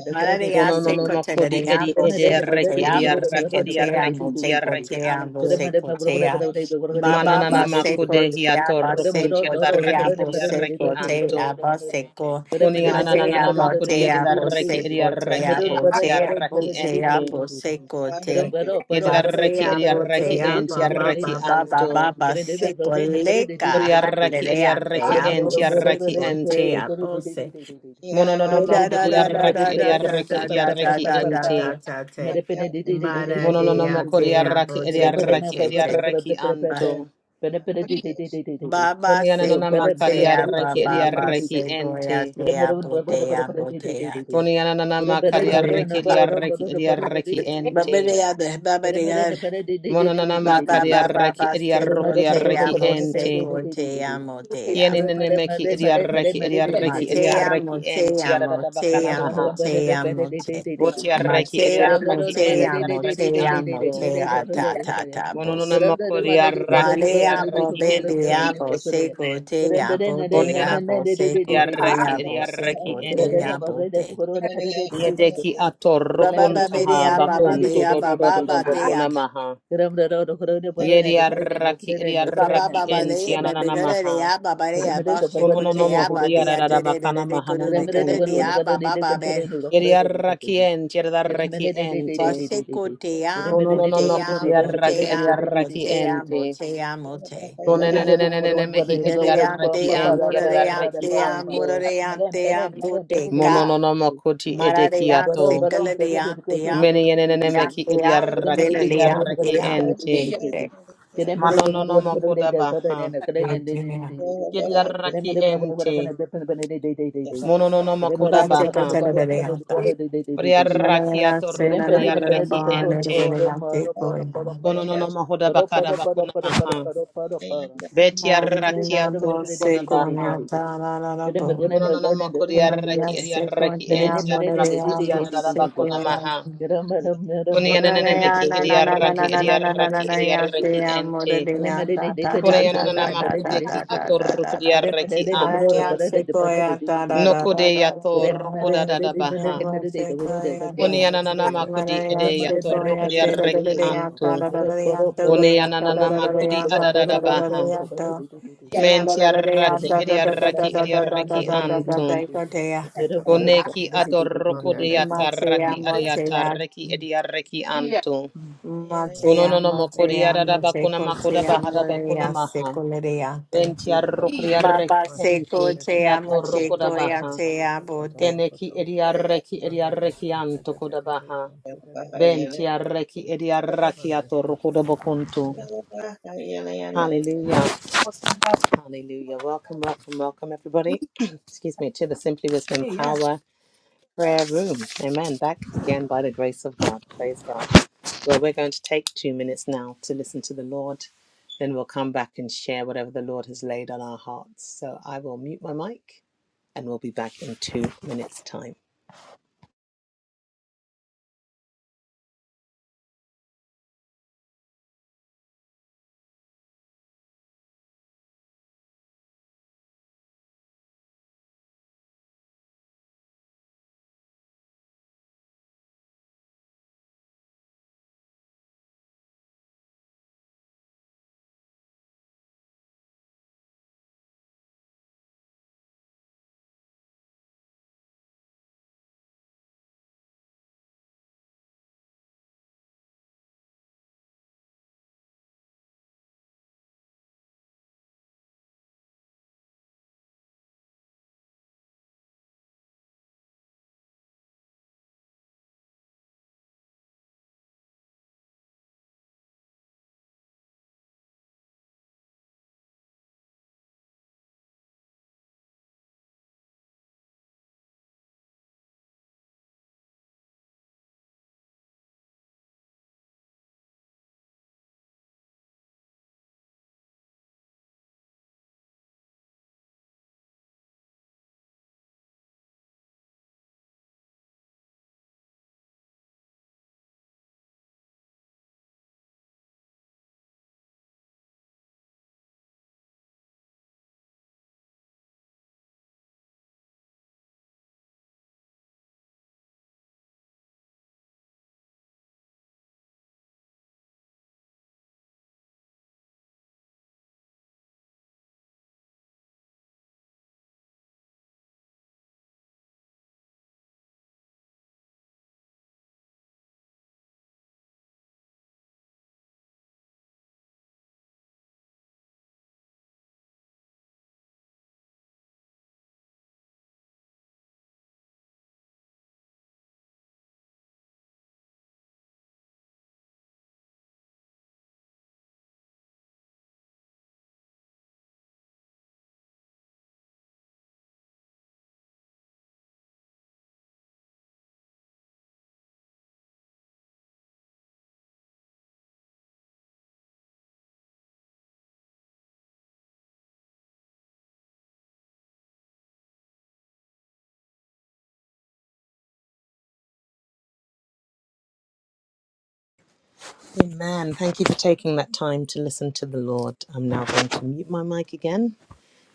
Speaker 2: María,
Speaker 3: Kono no
Speaker 2: se
Speaker 3: no
Speaker 2: cotea,
Speaker 3: makodi edi edi
Speaker 2: se
Speaker 3: arreki edi
Speaker 2: cotea, se
Speaker 3: arreki edi
Speaker 2: cotea,
Speaker 3: arreki edi
Speaker 2: se
Speaker 3: arreki
Speaker 2: cotea,
Speaker 5: but
Speaker 3: anto.
Speaker 2: se cotea. Baba,
Speaker 3: Mananana
Speaker 2: ba, se
Speaker 3: makode
Speaker 2: cotea,
Speaker 3: hiato
Speaker 2: ba, se
Speaker 3: rukun chir darreki
Speaker 2: cotea, bo,
Speaker 3: edi
Speaker 2: se
Speaker 3: arreki anto.
Speaker 2: cotea, ba, se co.
Speaker 3: Koni ananana
Speaker 2: Matea,
Speaker 3: makodi edi
Speaker 2: botea, bo,
Speaker 3: darreki
Speaker 2: se
Speaker 3: edi arreki
Speaker 2: cotea,
Speaker 3: enti
Speaker 2: botea,
Speaker 3: arreki
Speaker 2: botea,
Speaker 3: ente.
Speaker 2: bo, se cote.
Speaker 3: Yedi darreki
Speaker 2: Batea,
Speaker 3: edi arreki
Speaker 2: botea,
Speaker 3: enti
Speaker 2: baba,
Speaker 3: arreki
Speaker 2: baba,
Speaker 3: anto.
Speaker 2: baba, ba, se
Speaker 3: Kodi
Speaker 2: coleca.
Speaker 3: arreki edi
Speaker 2: Hallelujah,
Speaker 3: arreki
Speaker 2: tea, bo,
Speaker 3: enti
Speaker 2: se
Speaker 3: arreki ente.
Speaker 2: cotea,
Speaker 3: Mononono
Speaker 2: Da da
Speaker 3: makodi
Speaker 2: da da
Speaker 3: arreki
Speaker 2: da
Speaker 3: edi
Speaker 2: da da da
Speaker 3: arreki
Speaker 2: da
Speaker 3: edi
Speaker 2: da
Speaker 3: arreki
Speaker 2: da da da
Speaker 3: ente.
Speaker 2: da
Speaker 5: Madam,
Speaker 2: te. Mara de
Speaker 3: Mononono
Speaker 2: ate
Speaker 3: koriaraki
Speaker 2: abo te te
Speaker 3: ediaraki
Speaker 2: te te.
Speaker 3: ediaraki
Speaker 2: Ba
Speaker 3: anto.
Speaker 2: ba ba se
Speaker 3: Konianana
Speaker 2: ko te a ba
Speaker 3: makariaraki
Speaker 2: ba
Speaker 3: ediaraki
Speaker 2: se ko
Speaker 3: ente.
Speaker 2: ya te abo te abo te ate.
Speaker 3: Konianana
Speaker 2: Ba be-
Speaker 3: makariaraki
Speaker 2: ba
Speaker 3: ediaraki ediaraki
Speaker 2: ba
Speaker 3: ente.
Speaker 2: de ade ba ba de ade.
Speaker 3: Mononana
Speaker 2: Ba ba ba ba
Speaker 3: makariaraki
Speaker 2: ba se ko te
Speaker 3: ediarokriaraki
Speaker 2: amo se
Speaker 3: ente.
Speaker 2: ko te amo te amo.
Speaker 3: Kienene meki ediaraki ediaraki
Speaker 2: Matea,
Speaker 3: ediaraki ente.
Speaker 2: motea,
Speaker 3: Yadada bakana
Speaker 2: motea,
Speaker 3: maha.
Speaker 2: motea, mote.
Speaker 1: kita kuteus.
Speaker 3: Botiaraki
Speaker 2: Matea,
Speaker 3: ediaraki ente.
Speaker 5: Thank
Speaker 2: motea,
Speaker 3: Yaraki
Speaker 2: motea,
Speaker 3: anto.
Speaker 2: motea, ta, ta, ta,
Speaker 3: Mononana
Speaker 2: boso.
Speaker 3: makoriaraki
Speaker 2: Malea, bo,
Speaker 3: ediaraki ente.
Speaker 2: bebea, bo, se, gotea, bo, dea, bo, se,
Speaker 3: Yarraki
Speaker 2: gotea,
Speaker 1: I
Speaker 2: bo, se,
Speaker 3: Yarraki ente.
Speaker 2: gotea, bo, te.
Speaker 3: Yedeki
Speaker 2: Ba, ba,
Speaker 3: atorokun
Speaker 2: ba, be,
Speaker 3: taha
Speaker 2: dea, ba, ba,
Speaker 3: bakun to
Speaker 2: dea,
Speaker 3: do do
Speaker 2: ba,
Speaker 3: do do
Speaker 2: ba,
Speaker 3: do
Speaker 2: ba, dea.
Speaker 3: bakuna maha. Yeri arraki eri
Speaker 2: Ba, ba,
Speaker 3: arraki
Speaker 2: ba, ba,
Speaker 3: enti
Speaker 2: dea, ba, be,
Speaker 3: ananana
Speaker 2: da, da,
Speaker 3: maha.
Speaker 2: dea, ba, ba, dea, ba, se,
Speaker 3: Kunono no
Speaker 2: gotea, ba,
Speaker 3: mohudi
Speaker 2: dea,
Speaker 5: you.
Speaker 3: arara
Speaker 2: da, da, da, da,
Speaker 3: bakana
Speaker 2: da, go,
Speaker 3: mahana
Speaker 2: do, da,
Speaker 5: Madam,
Speaker 2: go, da,
Speaker 3: makuntu.
Speaker 2: dea, ba, ba, ba, ba,
Speaker 3: Yeri arraki enti arraki ente.
Speaker 2: Basekotea,
Speaker 3: Kunono no
Speaker 2: motea,
Speaker 3: makuri arraki eri
Speaker 2: motea,
Speaker 3: arraki
Speaker 2: motea,
Speaker 3: ente.
Speaker 2: motea, mote.
Speaker 3: Kunenenenenene mehi eri
Speaker 2: Yedea,
Speaker 3: arraki
Speaker 2: tea,
Speaker 3: enti
Speaker 2: morea,
Speaker 3: arraki
Speaker 2: tea,
Speaker 3: anto.
Speaker 2: morea, tea, boteca.
Speaker 3: Monono no makuti
Speaker 2: Mararea,
Speaker 3: edekiato.
Speaker 2: secaladea, tea,
Speaker 3: Many
Speaker 2: tea,
Speaker 3: enenemeki
Speaker 2: tea,
Speaker 3: idiaraki
Speaker 2: motelea,
Speaker 3: idiaraki
Speaker 2: tea.
Speaker 3: ente.
Speaker 2: Esote.
Speaker 3: Manonono makoda baha.
Speaker 2: Yetinea.
Speaker 3: Idiaraki ente. Mononono makoda baha.
Speaker 2: Basekataladea, ta.
Speaker 3: Idiaraki
Speaker 2: Manarea, senanana,
Speaker 3: atorokodiaraki ente.
Speaker 2: banadea, tecoena.
Speaker 3: Kononono mahoda bakada bakuna maha. Betiaraki
Speaker 2: Nanana,
Speaker 3: atorokoda
Speaker 2: bosecoena,
Speaker 3: baha.
Speaker 2: ta, la, la, la, bo.
Speaker 3: Kononono makodiaraki
Speaker 2: Maria seco
Speaker 3: idiaraki
Speaker 2: de
Speaker 3: ente.
Speaker 2: amor de
Speaker 3: Idiaraki
Speaker 2: amor
Speaker 3: idiarada
Speaker 2: seco
Speaker 3: bakuna
Speaker 2: de amor.
Speaker 3: maha. Kuni enenemeki
Speaker 2: Maria na na na na na
Speaker 3: idiaraki
Speaker 2: na na na na na
Speaker 3: idiaraki
Speaker 2: na ya
Speaker 3: idiaraki
Speaker 2: te amor
Speaker 3: ente.
Speaker 5: Mm.
Speaker 2: de ya ta ta ta ta ta
Speaker 3: Koreanana
Speaker 2: ta ta ta
Speaker 3: makudeki
Speaker 2: ta ta ta ta.
Speaker 3: atorukudiareki
Speaker 2: Maria
Speaker 3: antu.
Speaker 2: seco ya ta da da da
Speaker 3: Nokode
Speaker 2: da
Speaker 3: yatorukuda
Speaker 2: ya
Speaker 3: dada
Speaker 2: ya
Speaker 3: baha.
Speaker 2: ya seco ya ta.
Speaker 6: Mandadai
Speaker 3: Koneanana
Speaker 6: Kantaja
Speaker 3: makudi
Speaker 6: Dodo
Speaker 2: Maria
Speaker 6: Dodo
Speaker 3: ede
Speaker 2: seco ya te da da da
Speaker 3: yatorukudiareki
Speaker 2: da ya ta
Speaker 3: antu.
Speaker 2: da da da ya ta ya ta da
Speaker 3: Koneanana
Speaker 2: da
Speaker 6: Mandadai
Speaker 2: da
Speaker 3: makudi
Speaker 2: ya ta
Speaker 6: Kataja
Speaker 2: da
Speaker 3: adada
Speaker 2: da
Speaker 6: Dodo De
Speaker 2: da da
Speaker 3: baha.
Speaker 2: ya
Speaker 6: Kataja
Speaker 2: ta.
Speaker 6: Dodo Conto de
Speaker 2: Na da da da
Speaker 6: Conta.
Speaker 2: ya
Speaker 3: Mentiaraki
Speaker 2: ta da da da da
Speaker 6: Mandadai
Speaker 3: ediaraki
Speaker 2: da da da
Speaker 6: Kataja
Speaker 2: da
Speaker 3: ediareki
Speaker 2: da
Speaker 6: Dodo De
Speaker 2: da da
Speaker 6: De
Speaker 2: da
Speaker 3: antu.
Speaker 2: da da.
Speaker 3: Koneki
Speaker 6: Mandadai Kataja
Speaker 2: Matea,
Speaker 3: adorukudiataraki
Speaker 6: Dodo Conte.
Speaker 2: Motea,
Speaker 3: adiatareki ediareki antu.
Speaker 5: mm.
Speaker 6: Mande
Speaker 2: Matea,
Speaker 3: Kononono
Speaker 6: Conte De
Speaker 3: makudi
Speaker 6: De
Speaker 2: Motea,
Speaker 6: De De De De
Speaker 3: adadabakuna makuda
Speaker 2: Matecotea,
Speaker 3: bahadabakuna
Speaker 2: Morea,
Speaker 3: maha.
Speaker 2: Secoleriate.
Speaker 3: Venti arrokri
Speaker 2: Baba
Speaker 3: arreki ente,
Speaker 2: Secotea,
Speaker 3: kiato roko
Speaker 2: Machecoia,
Speaker 3: baha.
Speaker 2: Tea, Bote.
Speaker 3: Keneki edi arreki edi
Speaker 6: Mandadai
Speaker 3: arreki anto
Speaker 6: Kantaja De
Speaker 3: koda
Speaker 6: De De
Speaker 3: baha.
Speaker 6: Conto De
Speaker 3: Venti arreki edi arraki ato roko da
Speaker 6: Kantaja De Kantaja.
Speaker 3: Hallelujah. Hallelujah. Welcome, welcome, welcome everybody. Excuse me, to the Simply Wisdom
Speaker 4: Yes.
Speaker 3: Power. prayer room. Amen. Back again by the grace of God. Praise God. Well, we're going to take two minutes now to listen to the Lord. Then we'll come back and share whatever the Lord has laid on our hearts. So I will mute my mic and we'll be back in two minutes' time. Amen. Thank you for taking that time to listen to the Lord. I'm now going to mute my mic again.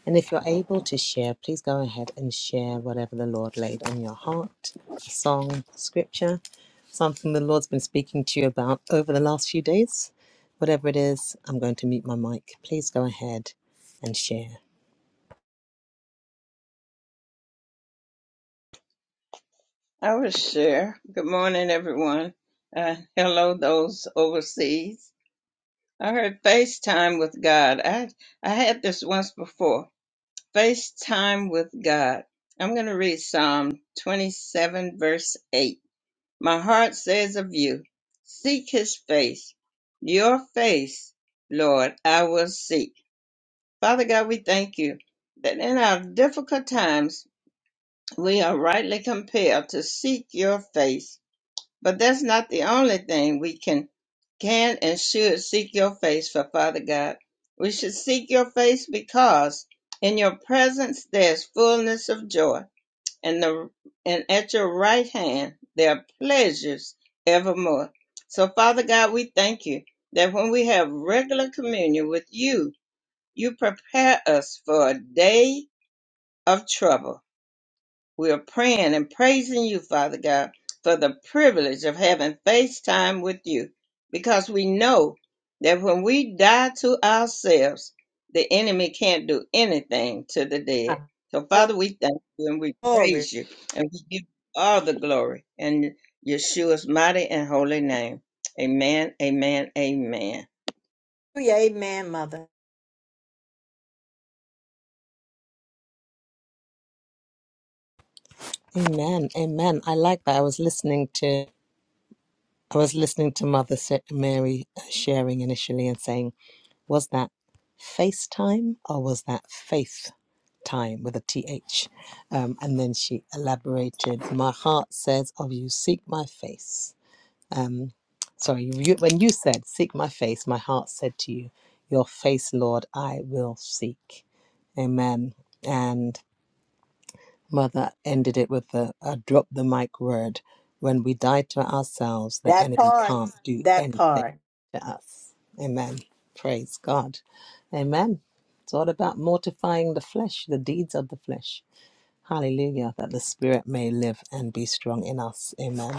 Speaker 3: And if you're able to share, please go ahead and share whatever the Lord laid on your heart a song, scripture, something the Lord's been speaking to you about over the last few days. Whatever it is, I'm going to mute my mic. Please go ahead and share.
Speaker 1: will share. Good morning, everyone. Uh, hello, those overseas. I heard FaceTime with God. I I had this once before. FaceTime with God. I'm going to read Psalm 27 verse 8. My heart says of you, seek his face. Your face, Lord, I will seek. Father God, we thank you that in our difficult times we are rightly compelled to seek your face but that's not the only thing we can can and should seek your face for, Father God. We should seek your face because in your presence there's fullness of joy, and the and at your right hand there are pleasures evermore. So Father God, we thank you that when we have regular communion with you, you prepare us for a day of trouble we are praying and praising you, Father God, for the privilege of having face time with you because we know that when we die to ourselves, the enemy can't do anything to the dead. So, Father, we thank you and we
Speaker 2: Glory.
Speaker 1: praise you and we give you all the glory in Yeshua's mighty and holy name. Amen, amen, amen.
Speaker 2: Amen, Mother.
Speaker 3: Amen. Amen. I like that. I was listening to. I was listening to Mother Sa- Mary uh, sharing initially and saying, Was that FaceTime or was that Faith Time with a T H? Um, and then she elaborated, My heart says of you, seek my face. Um, sorry, you, you- when you said, Seek my face, my heart said to you, Your face, Lord, I will seek. Amen. And. Mother ended it with the a drop the mic word. When we die to ourselves, the
Speaker 2: That
Speaker 3: enemy
Speaker 2: part,
Speaker 3: can't do
Speaker 2: that
Speaker 3: anything
Speaker 2: part.
Speaker 3: to us. Amen. Praise God. Amen. It's all about mortifying the flesh, the deeds of the flesh. Hallelujah. That the spirit may live and be strong in us. Amen.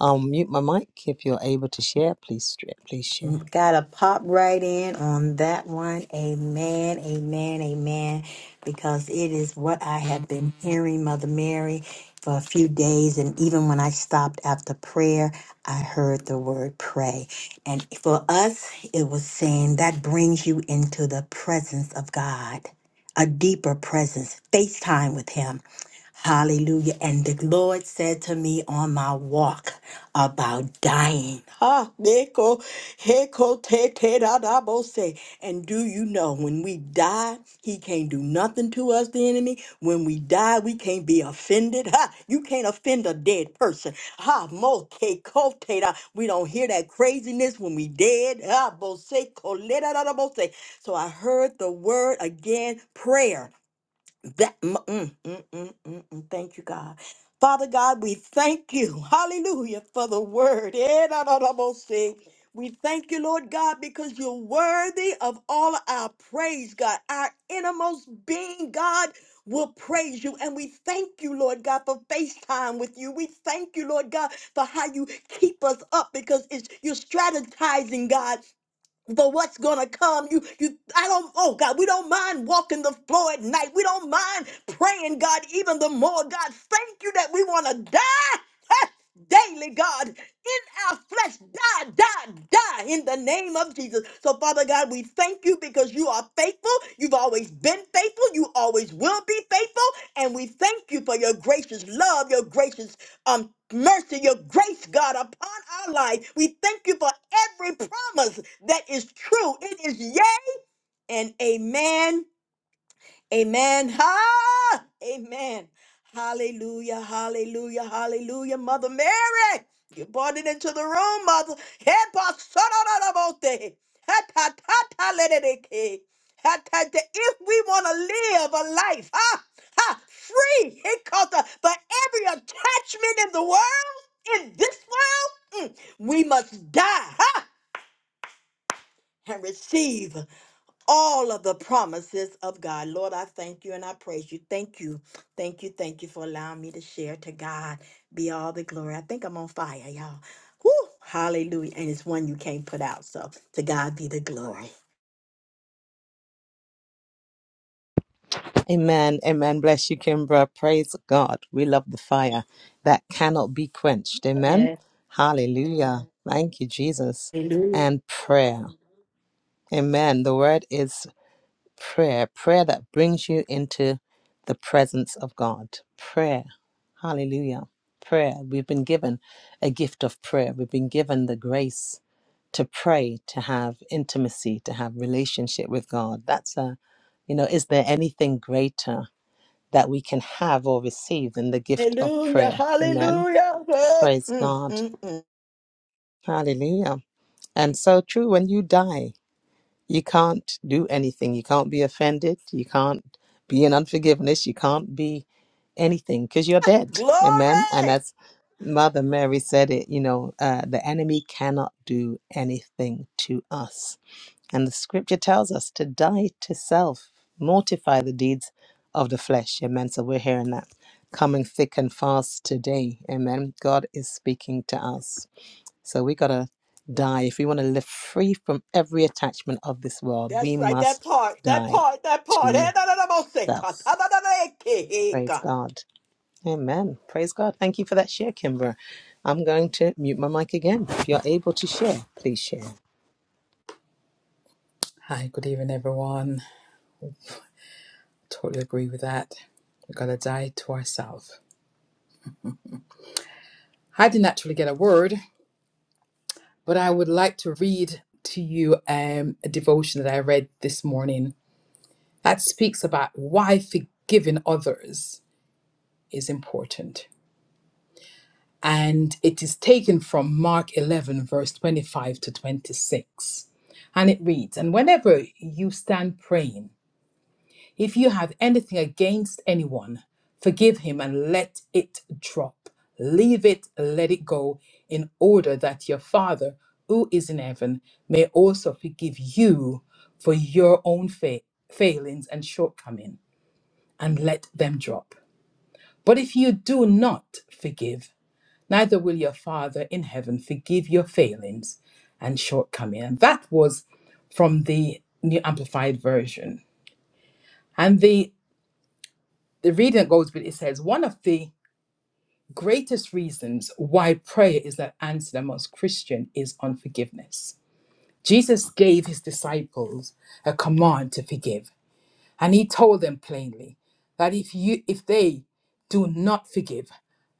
Speaker 3: I'll mute my mic. If you're able to share, please please share.
Speaker 2: Gotta pop right in on that one. Amen, amen, amen. Because it is what I have been hearing, Mother Mary, for a few days. And even when I stopped after prayer, I heard the word pray. And for us, it was saying that brings you into the presence of God, a deeper presence, face time with Him Hallelujah. And the Lord said to me on my walk about dying. Ha, neko, heko, te, te, da, da, bo, se. And do you know when we die, he can't do nothing to us, the enemy? When we die, we can't be offended. Ha, you can't offend a dead person. Ha, mo, ke, ko, te, da. We don't hear that craziness when we dead. Ha, bo, se, ko, le, da, da, da, bo, se. So I heard the word again, prayer that mm, mm, mm, mm, mm, mm. thank you, God. Father God, we thank you. Hallelujah for the word. Eh, da, da, da, bo, si. We thank you, Lord God, because you're worthy of all our praise, God. Our innermost being, God, will praise you. And we thank you, Lord God, for FaceTime with you. We thank you, Lord God, for how you keep us up because it's you're strategizing, God for what's gonna come. You you I don't oh God, we don't mind walking the floor at night. We don't mind praying, God, even the more. God, thank you that we wanna die. ah, Daily, God, in our flesh, die, die, die in the name of Jesus. So, Father God, we thank you because you are faithful. You've always been faithful. You always will be faithful. And we thank you for your gracious love, your gracious um, mercy, your grace, God, upon our life. We thank you for every promise that is true. It is yea and amen. Amen. Ha! Amen. Hallelujah. Hallelujah. Hallelujah. Mother Mary, you brought it into the room, Mother. Hey, Pastoralabote. ha If we want to live a life, ha, ha, free, it comes for every attachment in the world, in this world, mm, we must die, ha, and receive all of the promises of God. Lord, I thank you and I praise you. Thank you. Thank you. Thank you for allowing me to share. To God be all the glory. I think I'm on fire, y'all. Woo! Hallelujah. And it's one you can't put out. So to God be the glory.
Speaker 3: Amen. Amen. Bless you, Kimbra. Praise God. We love the fire that cannot be quenched. Amen.
Speaker 2: Hallelujah.
Speaker 3: Hallelujah. Thank you, Jesus. And prayer. Amen. The word is prayer. Prayer that brings you into the presence of God. Prayer. Hallelujah. Prayer. We've been given a gift of prayer. We've been given the grace to pray, to have intimacy, to have relationship with God. That's a, you know, is there anything greater? that we can have or receive in the gift of
Speaker 2: Hallelujah.
Speaker 3: prayer. Amen.
Speaker 2: Hallelujah. Hey.
Speaker 3: Praise
Speaker 2: Mm,
Speaker 3: God.
Speaker 2: mm, mm.
Speaker 3: Hallelujah. And so true, when you die, you can't do anything. You can't be offended. You can't be in unforgiveness. You can't be anything because you're dead. Amen. And
Speaker 2: Glory.
Speaker 3: as Mother Mary said it, you know, uh, the enemy cannot do anything to us. And the scripture tells us to die to self, mortify the deeds of the flesh. Amen. So we're hearing that coming thick and fast today. Amen. God is speaking to us. So we got to die. If we want to live free from every attachment of this world, we
Speaker 2: That's right. That
Speaker 3: must
Speaker 2: part. That
Speaker 3: die
Speaker 2: part. That part. Hey,
Speaker 3: to
Speaker 2: da, da, da, mo, se, ka,
Speaker 3: self.
Speaker 2: ta, da, da, da, ke, he,
Speaker 3: Praise
Speaker 2: ka.
Speaker 3: God. Amen. Praise God. Thank you for that share, Kimber. I'm going to mute my mic again. If you're able to share, please share.
Speaker 4: Hi, good evening, everyone. Totally agree with that. We've got to die to ourselves. I didn't actually get a word, but I would like to read to you um, a devotion that I read this morning that speaks about why forgiving others. is important. And it is taken from Mark 11, verse 25 to 26. And it reads And whenever you stand praying, if you have anything against anyone, forgive him and let it drop. Leave it, let it go, in order that your Father who is in heaven may also forgive you for your own fa- failings and shortcoming, and let them drop. But if you do not forgive, Neither will your Father in heaven forgive your failings and shortcoming. And that was from the New Amplified Version. And the, the reading goes with it says, one of the greatest reasons why prayer is not answered amongst Christian is unforgiveness. Jesus gave his disciples a command to forgive, and he told them plainly that if you if they do not forgive,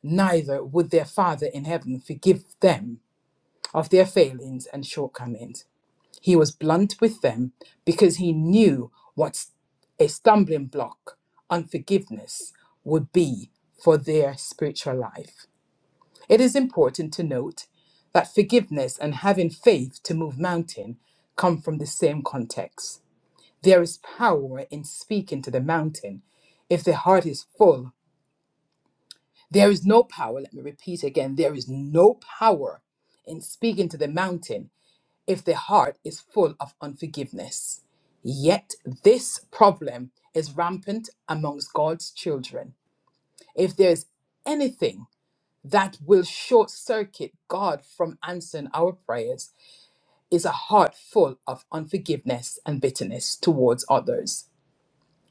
Speaker 4: neither would their Father in heaven forgive them of their failings and shortcomings. He was blunt with them because he knew what a stumbling block, unforgiveness, would be for their spiritual life. It is important to note that forgiveness and having faith to move mountain come from the same context. There is power in speaking to the mountain if the heart is full. There is no power, let me repeat again, there is no power in speaking to the mountain if their heart is full of unforgiveness. Yet this problem is rampant amongst God's children. If there is anything that will short circuit God from answering our prayers, is a heart full of unforgiveness and bitterness towards others.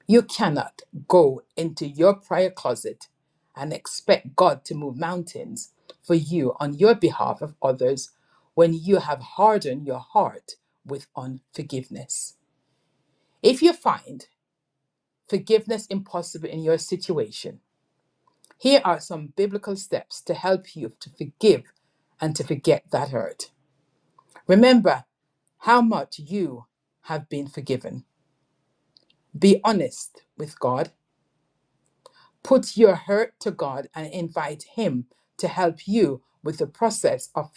Speaker 4: You cannot go into your prayer closet and expect God to move mountains for you on your behalf of others when you have hardened your heart with unforgiveness. If you find forgiveness impossible in your situation, here are some biblical steps to help you to forgive and to forget that hurt. Remember how much you have been forgiven. Be honest with God Put your hurt to God and invite Him to help you with the process of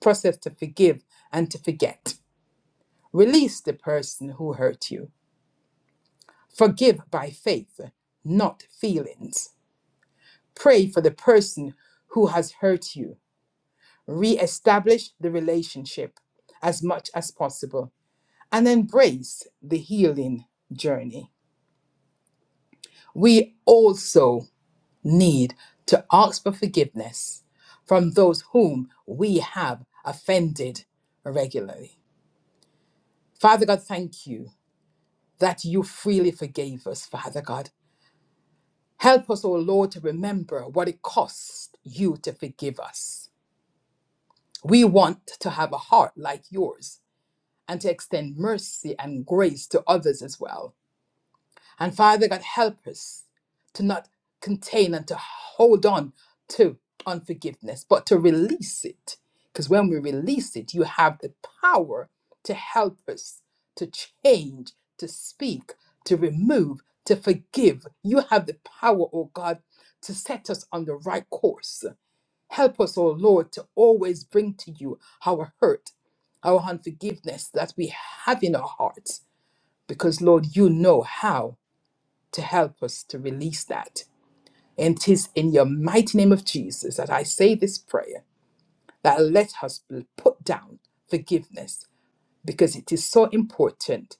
Speaker 4: process to forgive and to forget. Release the person who hurt you. Forgive by faith, not feelings. Pray for the person who has hurt you. Re-establish the relationship as much as possible and embrace the healing journey. We also need to ask for forgiveness from those whom we have offended regularly. Father God, thank you that you freely forgave us, Father God. Help us, O Lord, to remember what it costs you to forgive us. We want to have a heart like yours and to extend mercy and grace to others as well. And Father God, help us to not contain and to hold on to unforgiveness, but to release it. Because when we release it, you have the power to help us to change, to speak, to remove, to forgive. You have the power, oh God, to set us on the right course. Help us, oh Lord, to always bring to you our hurt, our unforgiveness that we have in our hearts. Because, Lord, you know how to help us to release that. And 'tis in your mighty name of Jesus that I say this prayer that let us put down forgiveness because it is so important.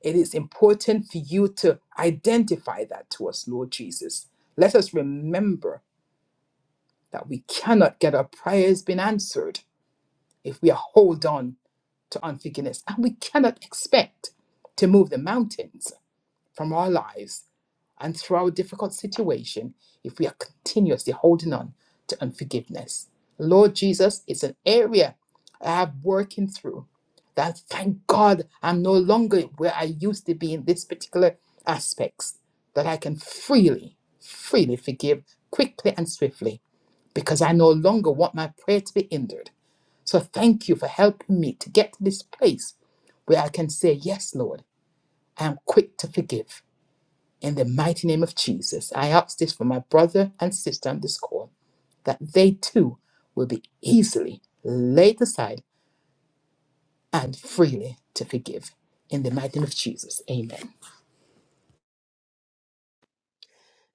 Speaker 4: It is important for you to identify that to us, Lord Jesus. Let us remember that we cannot get our prayers been answered if we hold on to unforgiveness, and we cannot expect to move the mountains from our lives And through our difficult situation, if we are continuously holding on to unforgiveness, Lord Jesus, it's an area I have working through that thank God I'm no longer where I used to be in this particular aspects, that I can freely, freely forgive quickly and swiftly because I no longer want my prayer to be hindered. So thank you for helping me to get to this place where I can say, Yes, Lord, I am quick to forgive. In the mighty name of Jesus, I ask this for my brother and sister on this call, that they too will be easily laid aside and freely to forgive. In the mighty name of Jesus, amen.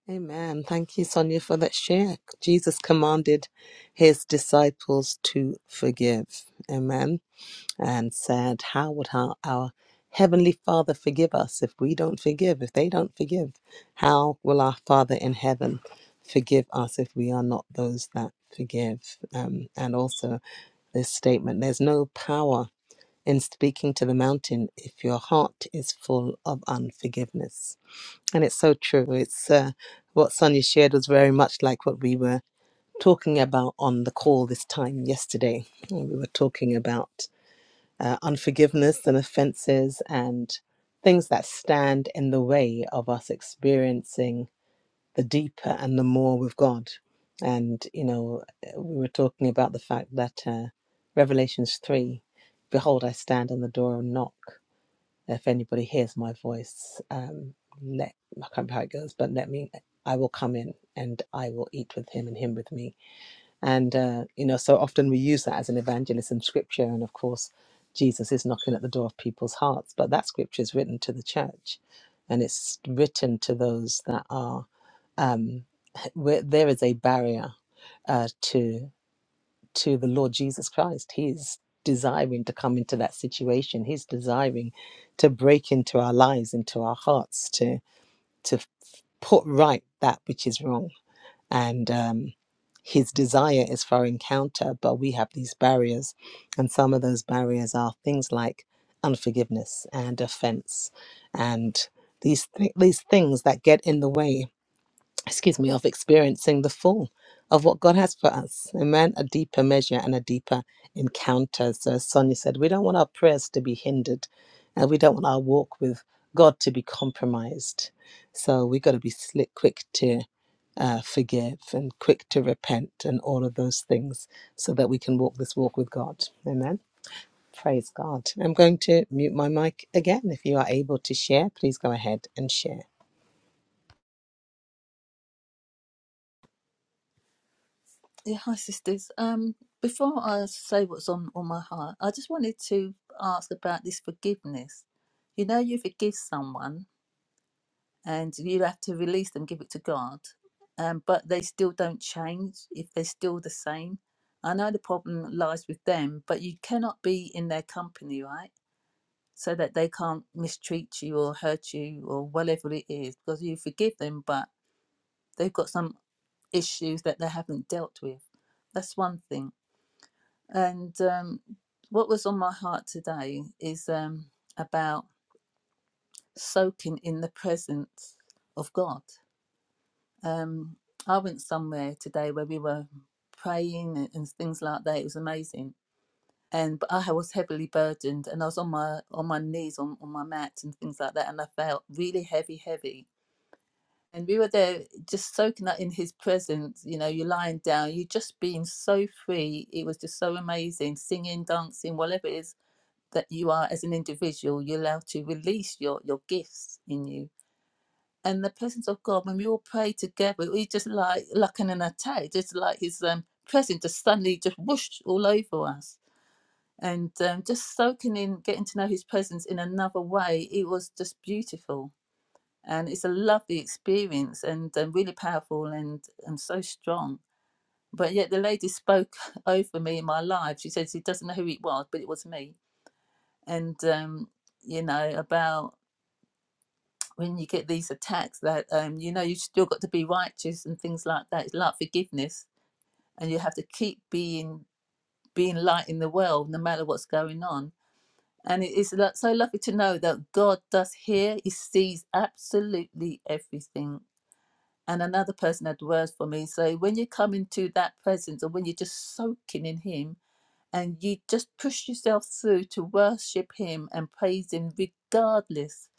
Speaker 3: Amen. Thank you, Sonia, for that share. Jesus commanded his disciples to forgive. Amen. And said, How would our, our Heavenly Father forgive us if we don't forgive? If they don't forgive, how will our Father in heaven forgive us if we are not those that forgive? Um, and also, this statement there's no power in speaking to the mountain if your heart is full of unforgiveness. And it's so true. It's uh, what Sonia shared was very much like what we were talking about on the call this time yesterday. And We were talking about uh, unforgiveness and offenses and things that stand in the way of us experiencing the deeper and the more with God. And, you know, uh, we were talking about the fact that uh, Revelations 3 Behold, I stand on the door and knock if anybody hears my voice, um, let I can't remember how it goes, but let me. I will come in and I will eat with him and him with me. And uh, you know, so often we use that as an evangelist in scripture, and of course, Jesus is knocking at the door of people's hearts. But that scripture is written to the church, and it's written to those that are um, where there is a barrier uh, to to the Lord Jesus Christ. He's desiring to come into that situation. He's desiring to break into our lives, into our hearts, to to put right that which is wrong. And um, his desire is for encounter, but we have these barriers, and some of those barriers are things like unforgiveness and offense, and these th- these things that get in the way excuse me, of experiencing the full of what God has for us. Amen. A deeper measure and a deeper encounter. So, as Sonia said, we don't want our prayers to be hindered and we don't want our walk with God to be compromised. So, we got to be slick, quick to uh, forgive and quick to repent and all of those things so that we can walk this walk with God. Amen. Praise God. I'm going to mute my mic again. If you are able to share, please go ahead and share.
Speaker 5: Yeah, hi sisters. Um, before I say what's on, on my heart, I just wanted to ask about this forgiveness. You know, you forgive someone and you have to release them, give it to God, um, but they still don't change if they're still the same. I know the problem lies with them, but you cannot be in their company, right? So that they can't mistreat you or hurt you or whatever it is, because you forgive them, but they've got some issues that they haven't dealt with. That's one thing. And um, what was on my heart today is um, about soaking in the presence of God. Um, I went somewhere today where we were praying and, and things like that. It was amazing. And but I was heavily burdened, and I was on my on my knees on, on my mat and things like that, and I felt really heavy, heavy. And we were there just soaking up in His presence. You know, you're lying down, you're just being so free. It was just so amazing, singing, dancing, whatever it is that you are as an individual, you're allowed to release your your gifts in you. And the presence of God, when we all pray together, we just like like in an attack, just like His um, presence just suddenly just whoosh all over us. And um, just soaking in, getting to know His presence in another way, it was just beautiful. And it's a lovely experience and um, really powerful and, and so strong. But yet the lady spoke over me in my life. She said she doesn't know who it was, but it was me. And um, you know, about when you get these attacks that um, you know you still got to be righteous and things like that. It's like forgiveness, and you have to keep being being light in the world, no matter what's going on. And it is so lovely to know that God does hear; He sees absolutely everything. And another person had words for me. So when you come into that presence, and when you're just soaking in Him, and you just push yourself through to worship him and praise him regardless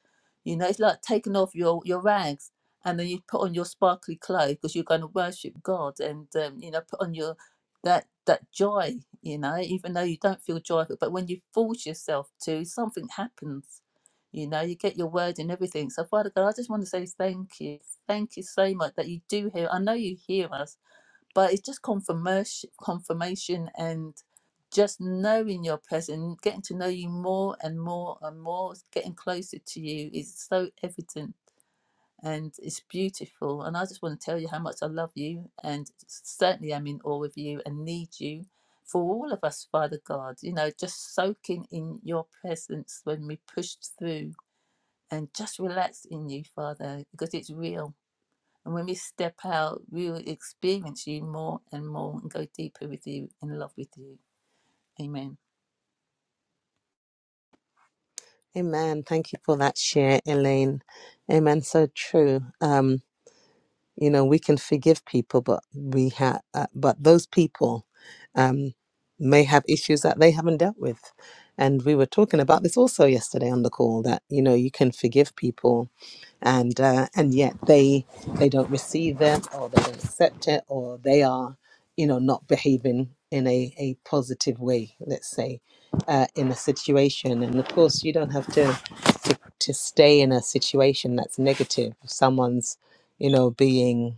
Speaker 5: you know it's like taking off your your rags and then you put on your sparkly clothes because you're going to worship god and um, you know put on your that that joy you know even though you don't feel joyful but when you force yourself to something happens you know you get your word and everything so father god i just want to say thank you thank you so much that you do hear i know you hear us but it's just confirmation confirmation and just knowing your present getting to know you more and more and more getting closer to you is so evident and it's beautiful and i just want to tell you how much i love you and certainly i'm in awe of you and need you for all of us father god you know just soaking in your presence when we push through and just relax in you father because it's real and when we step out, we will experience you more and more and go deeper with you, in love with you. Amen.
Speaker 3: Amen. Thank you for that share, Elaine. Amen. So true. Um, you know, we can forgive people, but we have, uh, but those people um, may have issues that they haven't dealt with. And we were talking about this also yesterday on the call that you know you can forgive people, and uh, and yet they they don't receive it or they don't accept it or they are you know not behaving in a, a positive way let's say uh, in a situation and of course you don't have to, to to stay in a situation that's negative If someone's you know being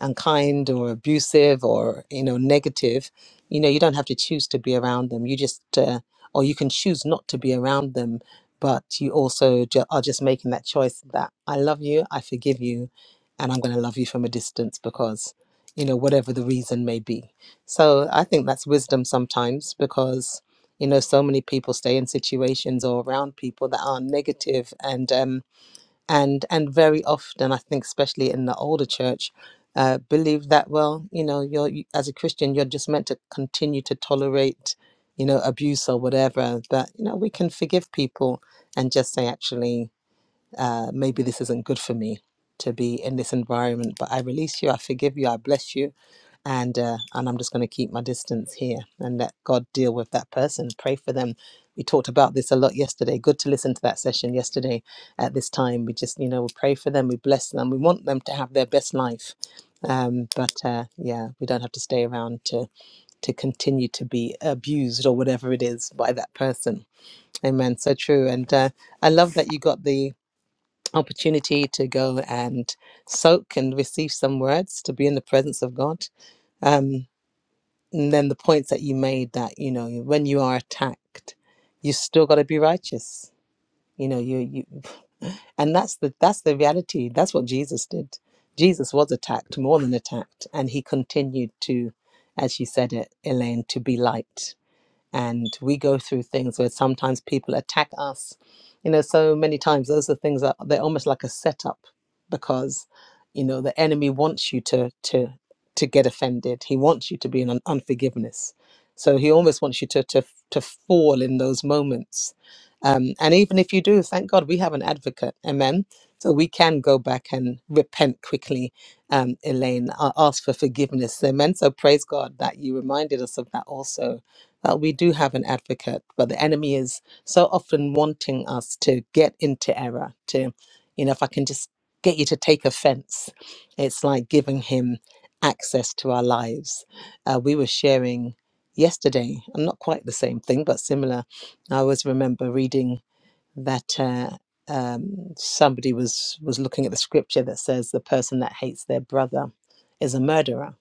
Speaker 3: unkind or abusive or you know negative you know you don't have to choose to be around them you just uh, or you can choose not to be around them but you also ju- are just making that choice that i love you i forgive you and i'm going to love you from a distance because you know whatever the reason may be so i think that's wisdom sometimes because you know so many people stay in situations or around people that are negative and um and and very often i think especially in the older church uh, believe that well you know you're you- as a christian you're just meant to continue to tolerate you know abuse or whatever that you know we can forgive people and just say actually uh, maybe this isn't good for me to be in this environment, but I release you, I forgive you, I bless you, and uh, and I'm just going to keep my distance here and let God deal with that person. Pray for them. We talked about this a lot yesterday. Good to listen to that session yesterday. At this time, we just you know we pray for them, we bless them, we want them to have their best life. Um, but uh, yeah, we don't have to stay around to to continue to be abused or whatever it is by that person. Amen. So true. And uh, I love that you got the opportunity to go and soak and receive some words to be in the presence of God. Um, and then the points that you made that you know when you are attacked, you still got to be righteous. You know you you, and that's the that's the reality. That's what Jesus did. Jesus was attacked more than attacked, and he continued to, as you said it, Elaine, to be light and we go through things where sometimes people attack us you know so many times those are things that they're almost like a setup because you know the enemy wants you to to to get offended he wants you to be in un- unforgiveness so he almost wants you to to to fall in those moments um, and even if you do thank god we have an advocate amen so we can go back and repent quickly um, elaine a- ask for forgiveness amen so praise god that you reminded us of that also that we do have an advocate, but the enemy is so often wanting us to get into error, to, you know, if I can just get you to take offense, it's like giving him access to our lives. Uh, we were sharing yesterday, and not quite the same thing, but similar. I always remember reading that. Uh, um, somebody was was looking at the scripture that says the person that hates their brother is a murderer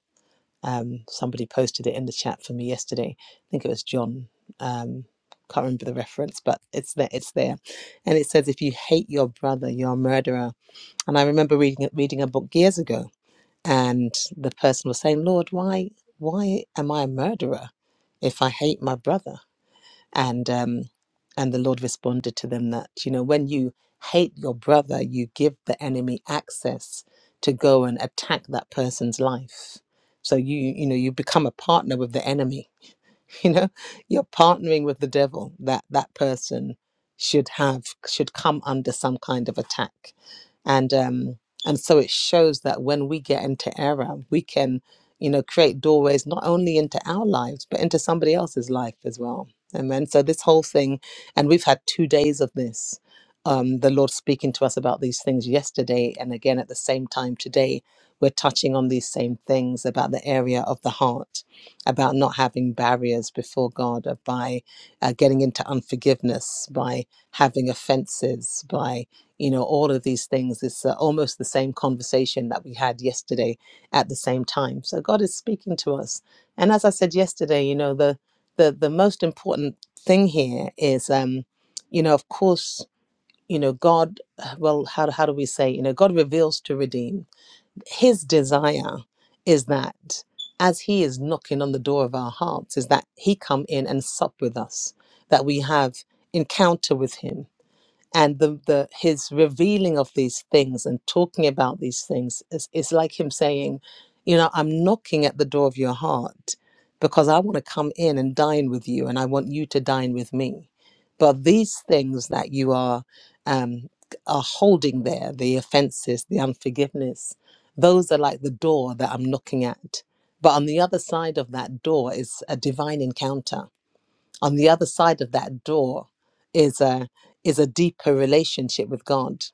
Speaker 3: um, somebody posted it in the chat for me yesterday. I think it was John. Um, can't remember the reference, but it's there. It's there, and it says, "If you hate your brother, you're a murderer." And I remember reading reading a book years ago, and the person was saying, "Lord, why why am I a murderer if I hate my brother?" and um and the lord responded to them that you know when you hate your brother you give the enemy access to go and attack that person's life so you you know you become a partner with the enemy you know you're partnering with the devil that that person should have should come under some kind of attack and um and so it shows that when we get into error we can you know create doorways not only into our lives but into somebody else's life as well amen so this whole thing and we've had two days of this um the lord speaking to us about these things yesterday and again at the same time today we're touching on these same things about the area of the heart about not having barriers before God, uh, by uh, getting into unforgiveness, by having offenses, by you know all of these things. It's uh, almost the same conversation that we had yesterday at the same time. So God is speaking to us, and as I said yesterday, you know the the the most important thing here is, um, you know, of course, you know God. uh, Well, how how do we say? You know, God reveals to redeem his desire is that as he is knocking on the door of our hearts is that he come in and sup with us that we have encounter with him and the, the his revealing of these things and talking about these things is, is like him saying you know i'm knocking at the door of your heart because i want to come in and dine with you and i want you to dine with me but these things that you are um, are holding there the offenses the unforgiveness those are like the door that i'm knocking at but on the other side of that door is a divine encounter on the other side of that door is a is a deeper relationship with god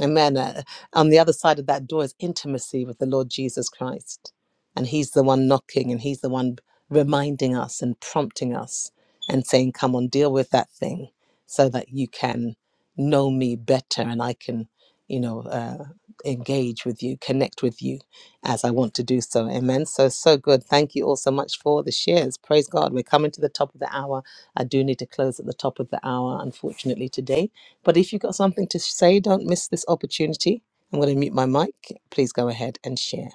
Speaker 3: Amen. uh, on the other side of that door is intimacy with the lord jesus christ and he's the one knocking and he's the one reminding us and prompting us and saying come on deal with that thing so that you can know me better and i can you know uh, engage with you connect with you as i want to do so amen so so good thank you all so much for the shares praise god we're coming to the top of the hour I do need to close at the top of the hour, unfortunately, today. But if you've got something to say, don't miss this opportunity. I'm going to mute my mic. Please go ahead and share.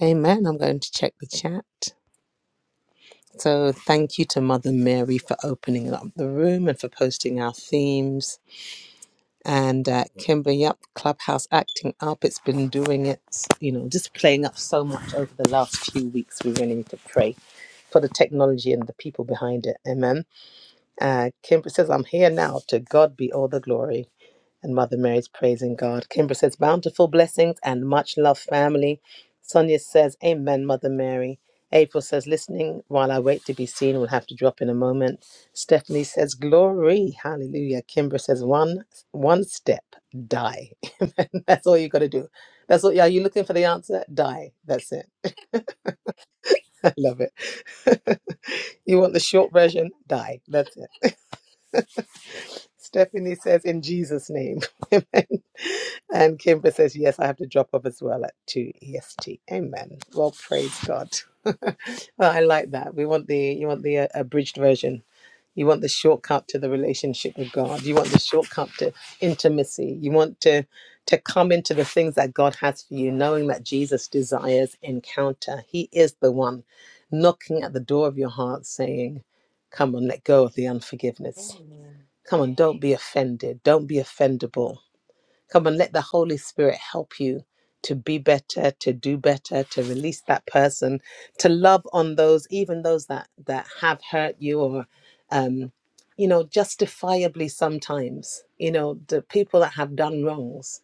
Speaker 3: Amen. I'm going to check the chat. So thank you to Mother Mary for opening up the room and for posting our themes. And uh, Kimber, yep, Clubhouse acting up. It's been doing it, you know, just playing up so much over the last few weeks. We really need to pray for the technology and the people behind it. Amen Uh, Kimber says, I'm here now. To God be all the glory. And Mother Mary's praising God. Kimber says, bountiful blessings and much love, family. Sonia says, Amen, Mother Mary. April says, listening while I wait to be seen. We'll have to drop in a moment. Stephanie says, glory. Hallelujah. Kimber says, one one step, die. Amen. That's all you got to do. That's all. Are you looking for the answer? Die. That's it. I love it. you want the short version? Die. That's it. Stephanie says, in Jesus' name. Amen. And Kimber says, yes, I have to drop off as well at 2 EST. Amen. Well, praise God. well, I like that. We want the, you want the uh, abridged version. You want the shortcut to the relationship with God. You want the shortcut to intimacy. You want to to come into the things that God has for you, knowing that Jesus desires encounter. He is the one knocking at the door of your heart saying, Come on, let go of the unforgiveness.
Speaker 2: Amen.
Speaker 3: Come on, don't be offended. Don't be offendable. Come on, let the Holy Spirit help you to be better, to do better, to release that person, to love on those, even those that that have hurt you or um, you know, justifiably sometimes, you know, the people that have done wrongs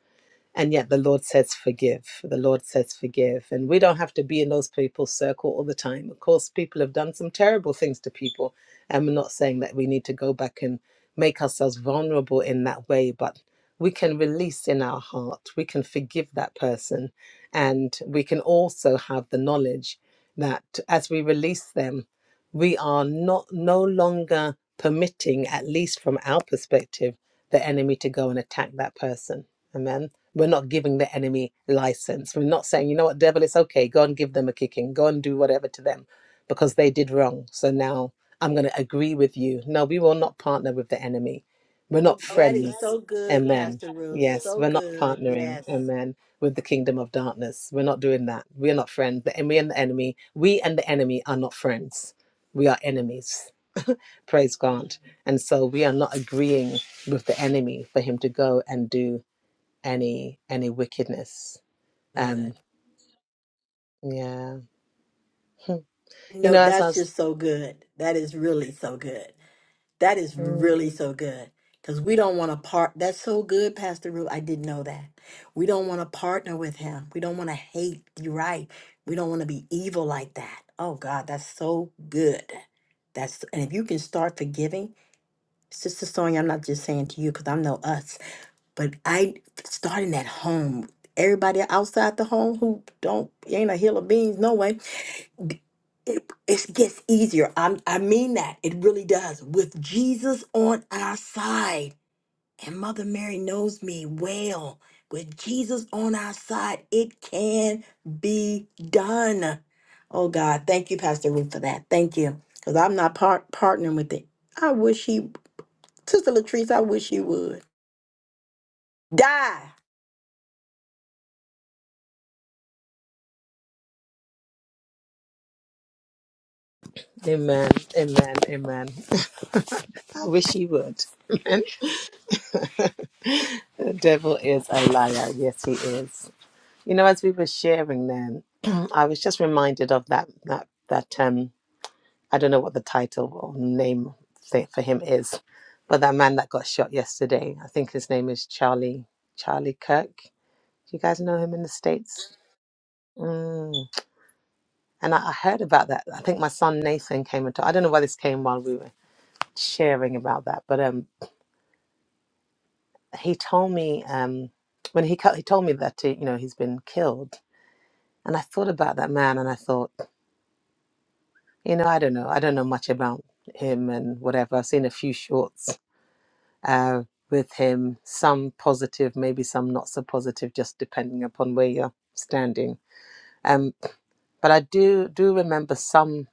Speaker 3: and yet the Lord says, forgive. The Lord says, forgive. And we don't have to be in those people's circle all the time. Of course, people have done some terrible things to people. And we're not saying that we need to go back and make ourselves vulnerable in that way, but we can release in our heart. We can forgive that person. And we can also have the knowledge that as we release them, we are not no longer permitting, at least from our perspective, the enemy to go and attack that person. Amen. We're not giving the enemy license. We're not saying, you know what, devil, it's okay. Go and give them a kicking. Go and do whatever to them because they did wrong. So now I'm going to agree with you. No, we will not partner with the enemy. We're
Speaker 2: Oh,
Speaker 3: not
Speaker 2: that
Speaker 3: friends.
Speaker 2: is so good,
Speaker 3: Amen.
Speaker 2: Pastor Ruth.
Speaker 3: Yes,
Speaker 2: So
Speaker 3: we're not
Speaker 2: good.
Speaker 3: partnering.
Speaker 2: Yes.
Speaker 3: Amen. With the kingdom of darkness. We're not doing that. We're not friends. The enemy and the enemy, we and the enemy are not friends. We are enemies. Praise God. And so we are not agreeing with the enemy for him to go and do any any wickedness.
Speaker 2: Good.
Speaker 3: Um yeah. Hmm. You
Speaker 2: No,
Speaker 3: know, as I
Speaker 2: that's
Speaker 3: was
Speaker 2: just so good. That is really so good. That is really
Speaker 3: Mm,
Speaker 2: so good. Because we don't want to part. That's so good, Pastor Ruth. I didn't know that. We don't want to partner with him. We don't want to hate. You're right. We don't want to be evil like that. Oh, God, that's so good. That's and if you can start forgiving, Sister Sonya, I'm not just saying to you because I know us. But I starting at home. Everybody outside the home who don't ain't a hill of beans, no way. It, it gets easier. I'm, I mean that it really does. With Jesus on our side, and Mother Mary knows me well. With Jesus on our side, it can be done. Oh God, thank you, Pastor Ruth, for that. Thank you, because I'm not part partnering with it. I wish he, Sister Latrice, I wish he would die.
Speaker 3: Amen. Amen. Amen. I wish he would. The devil is a liar. Yes, he is. You know, as we were sharing then, I was just reminded of that that that um. I don't know what the title or name thi- for him is, but that man that got shot yesterday, I think his name is Charlie Charlie Kirk. Do you guys know him in the states? Mm. And I, I heard about that. I think my son Nathan came and talked. I don't know why this came while we were sharing about that, but um, he told me um, when he co- he told me that uh, you know he's been killed, and I thought about that man, and I thought, you know, I don't know, I don't know much about him and whatever. I've seen a few shorts uh, with him, some positive, maybe some not so positive, just depending upon where you're standing. Um, but I do do remember some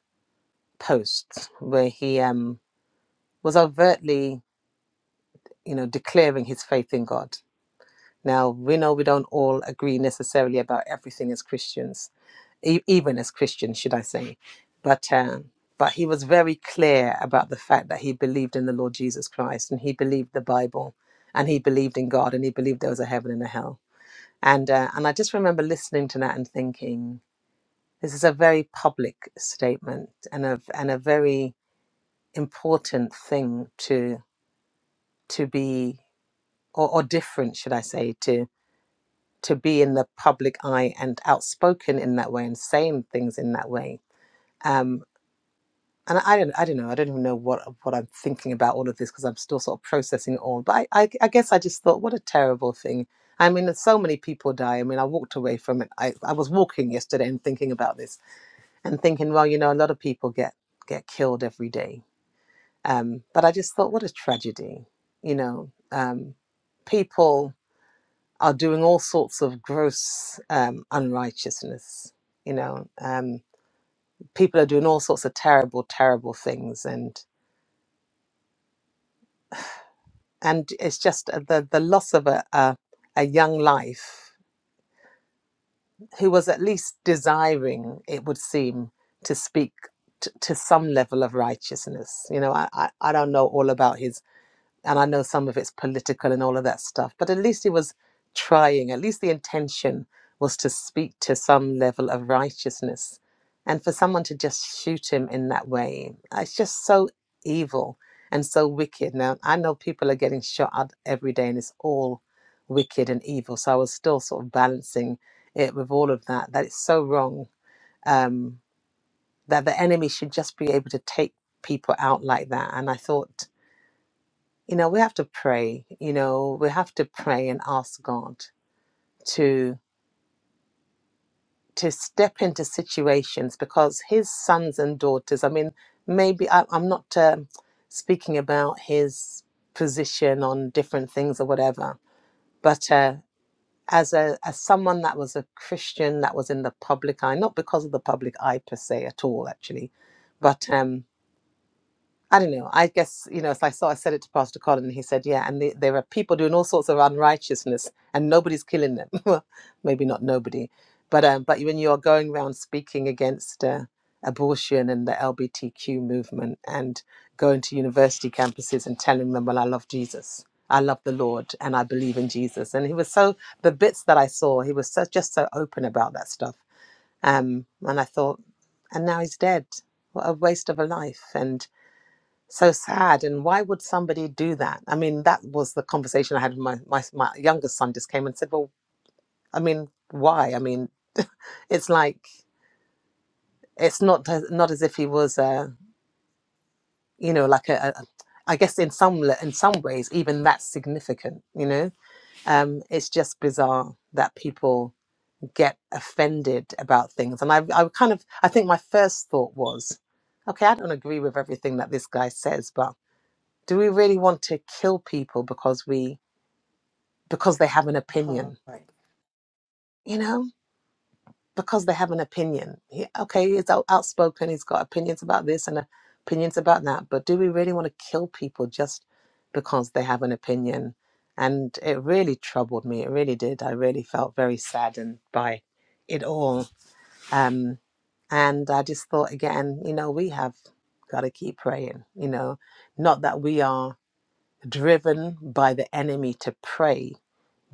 Speaker 3: posts where he um, was overtly, you know, declaring his faith in God. Now we know we don't all agree necessarily about everything as Christians, e- even as Christians, should I say? But um, but he was very clear about the fact that he believed in the Lord Jesus Christ and he believed the Bible and he believed in God and he believed there was a heaven and a hell And uh, and I just remember listening to that and thinking, this is a very public statement and a and a very important thing to to be or, or different, should I say, to to be in the public eye and outspoken in that way and saying things in that way. Um, and I don't, I don't know, I don't even know what what I'm thinking about all of this because I'm still sort of processing it all. But I, I, I guess I just thought, what a terrible thing. I mean, so many people die. I mean, I walked away from it. I, I was walking yesterday and thinking about this and thinking, well, you know, a lot of people get get killed every day. Um, but I just thought, what a tragedy, you know. Um, people are doing all sorts of gross um, unrighteousness, you know. Um, people are doing all sorts of terrible, terrible things, and and it's just uh, the the loss of a a, a young life who was at least desiring, it would seem, to speak. t- To some level of righteousness, you know, I, I I don't know all about his and I know some of it's political and all of that stuff, but at least he was trying. At least the intention was to speak to some level of righteousness. And for someone to just shoot him in that way, it's just so evil and so wicked. Now, I know people are getting shot at every day and it's all wicked and evil. So I was still sort of balancing it with all of that, that it's so wrong um, that the enemy should just be able to take people out like that. And I thought, you know we have to pray you know we have to pray and ask god to to step into situations because his sons and daughters i mean maybe I, i'm not um speaking about his position on different things or whatever but uh, as a as someone that was a christian that was in the public eye not because of the public eye per se at all actually but um, I don't know. I guess, you know, if I saw, I said it to Pastor Colin, and he said, yeah, and the, there are people doing all sorts of unrighteousness and nobody's killing them. well, maybe not nobody, but um, but when you're going around speaking against uh, abortion and the LBTQ movement and going to university campuses and telling them, well, I love Jesus. I love the Lord and I believe in Jesus. And he was so, the bits that I saw, he was so, just so open about that stuff. Um, and I thought, and now he's dead. What a waste of a life. And so sad and why would somebody do that i mean that was the conversation i had with my, my my youngest son just came and said well i mean why i mean it's like it's not not as if he was uh you know like a, a a- i guess in some le- in some ways even that's significant you know um it's just bizarre that people get offended about things and i i kind of i think my first thought was okay i don't agree with everything that this guy says but do we really want to kill people because we because they have an opinion,
Speaker 2: Part.
Speaker 3: you know, because they have an opinion. Yeah, okay, he's out, outspoken, he's got opinions about this and opinions about that, but do we really want to kill people just because they have an opinion? And it really troubled me. It really did. I really felt very saddened by it all. Um, and I just thought, again, you know, we have got to keep praying, you know, not that we are driven by the enemy to pray,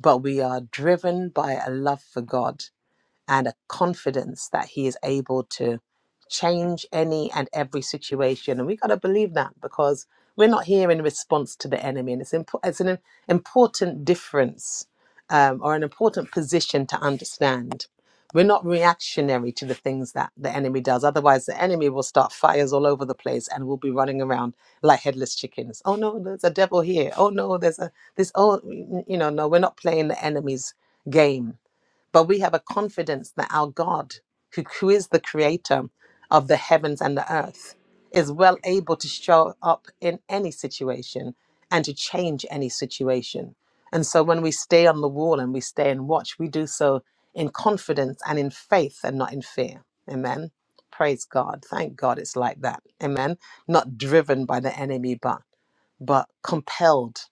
Speaker 3: but we are driven by a love for God and a confidence that he is able to change any and every situation. And we got to believe that because we're not here in response to the enemy. And it's, impo- it's an im- important difference um, or an important position to understand. We're not reactionary to the things that the enemy does. Otherwise, the enemy will start fires all over the place and we'll be running around like headless chickens. Oh no, there's a devil here. Oh no, there's a this. Oh, you know, no, we're not playing the enemy's game but we have a confidence that our God, who, who is the creator of the heavens and the earth, is well able to show up in any situation and to change any situation. And so when we stay on the wall and we stay and watch, we do so in confidence and in faith and not in fear. Amen. Praise God. Thank God it's like that. Amen. Not driven by the enemy, but but compelled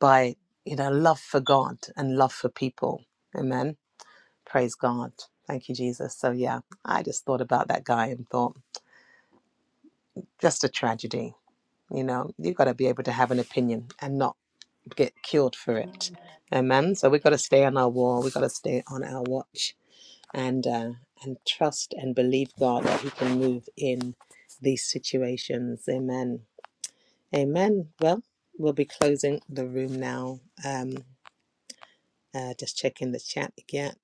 Speaker 3: by you know love for God and love for people. Amen. Praise God. Thank you, Jesus. So, yeah, I just thought about that guy and thought, just a tragedy. You know, you've got to be able to have an opinion and not get killed for it. Amen. So, we've got to stay on our wall. We've got to stay on our watch and, uh, and trust and believe God that He can move in these situations. Amen. Amen. Well, we'll be closing the room now. Um, uh, just checking the chat again.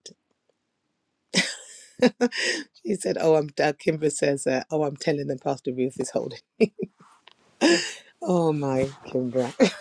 Speaker 3: He said, "Oh, I'm." Uh, Kimber says, uh, "Oh, I'm telling them Pastor Ruth is holding." Oh my, Kimbra.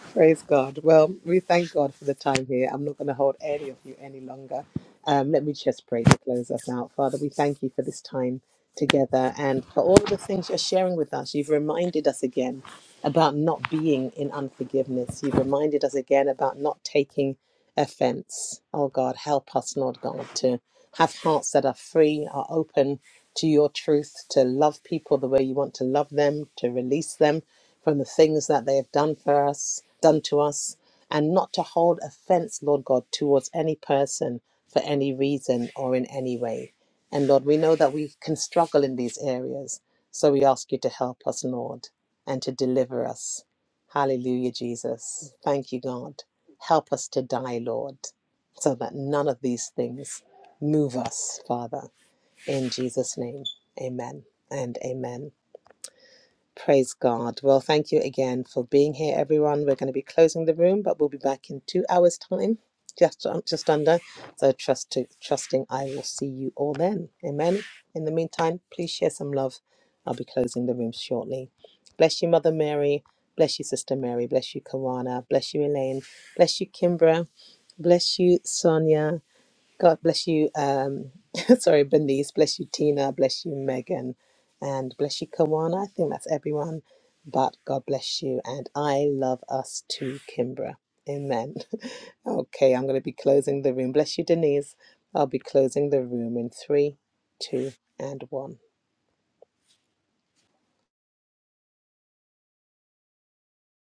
Speaker 3: Praise God. Well, we thank God for the time here. I'm not going to hold any of you any longer. Um, let me just pray to close us out. Father, we thank you for this time together and for all of the things you're sharing with us. You've reminded us again about not being in unforgiveness. You've reminded us again about not taking offense. Oh God, help us, Lord God, to have hearts that are free, are open to your truth, to love people the way you want to love them, to release them from the things that they have done for us, done to us, and not to hold offense, Lord God, towards any person for any reason or in any way. And Lord, we know that we can struggle in these areas. So we ask you to help us, Lord, and to deliver us. Hallelujah, Jesus. Thank you, God. Help us to die, Lord, so that none of these things move us, Father. In Jesus' name, amen and amen. Praise God. Well, thank you again for being here, everyone. We're going to be closing the room, but we'll be back in two hours' time, just just under. So trust to trusting, I will see you all then. Amen. In the meantime, please share some love. I'll be closing the room shortly. Bless you, Mother Mary. Bless you, Sister Mary. Bless you, Kawana. Bless you, Elaine. Bless you, Kimbra. Bless you, Sonia. God bless you. Um, sorry, Bernice. Bless you, Tina. Bless you, Megan. And bless you, Kawana. I think that's everyone. But God bless you. And I love us too, Kimbra. Amen. okay, I'm going to be closing the room. Bless you, Denise. I'll be closing the room in three, two, and one.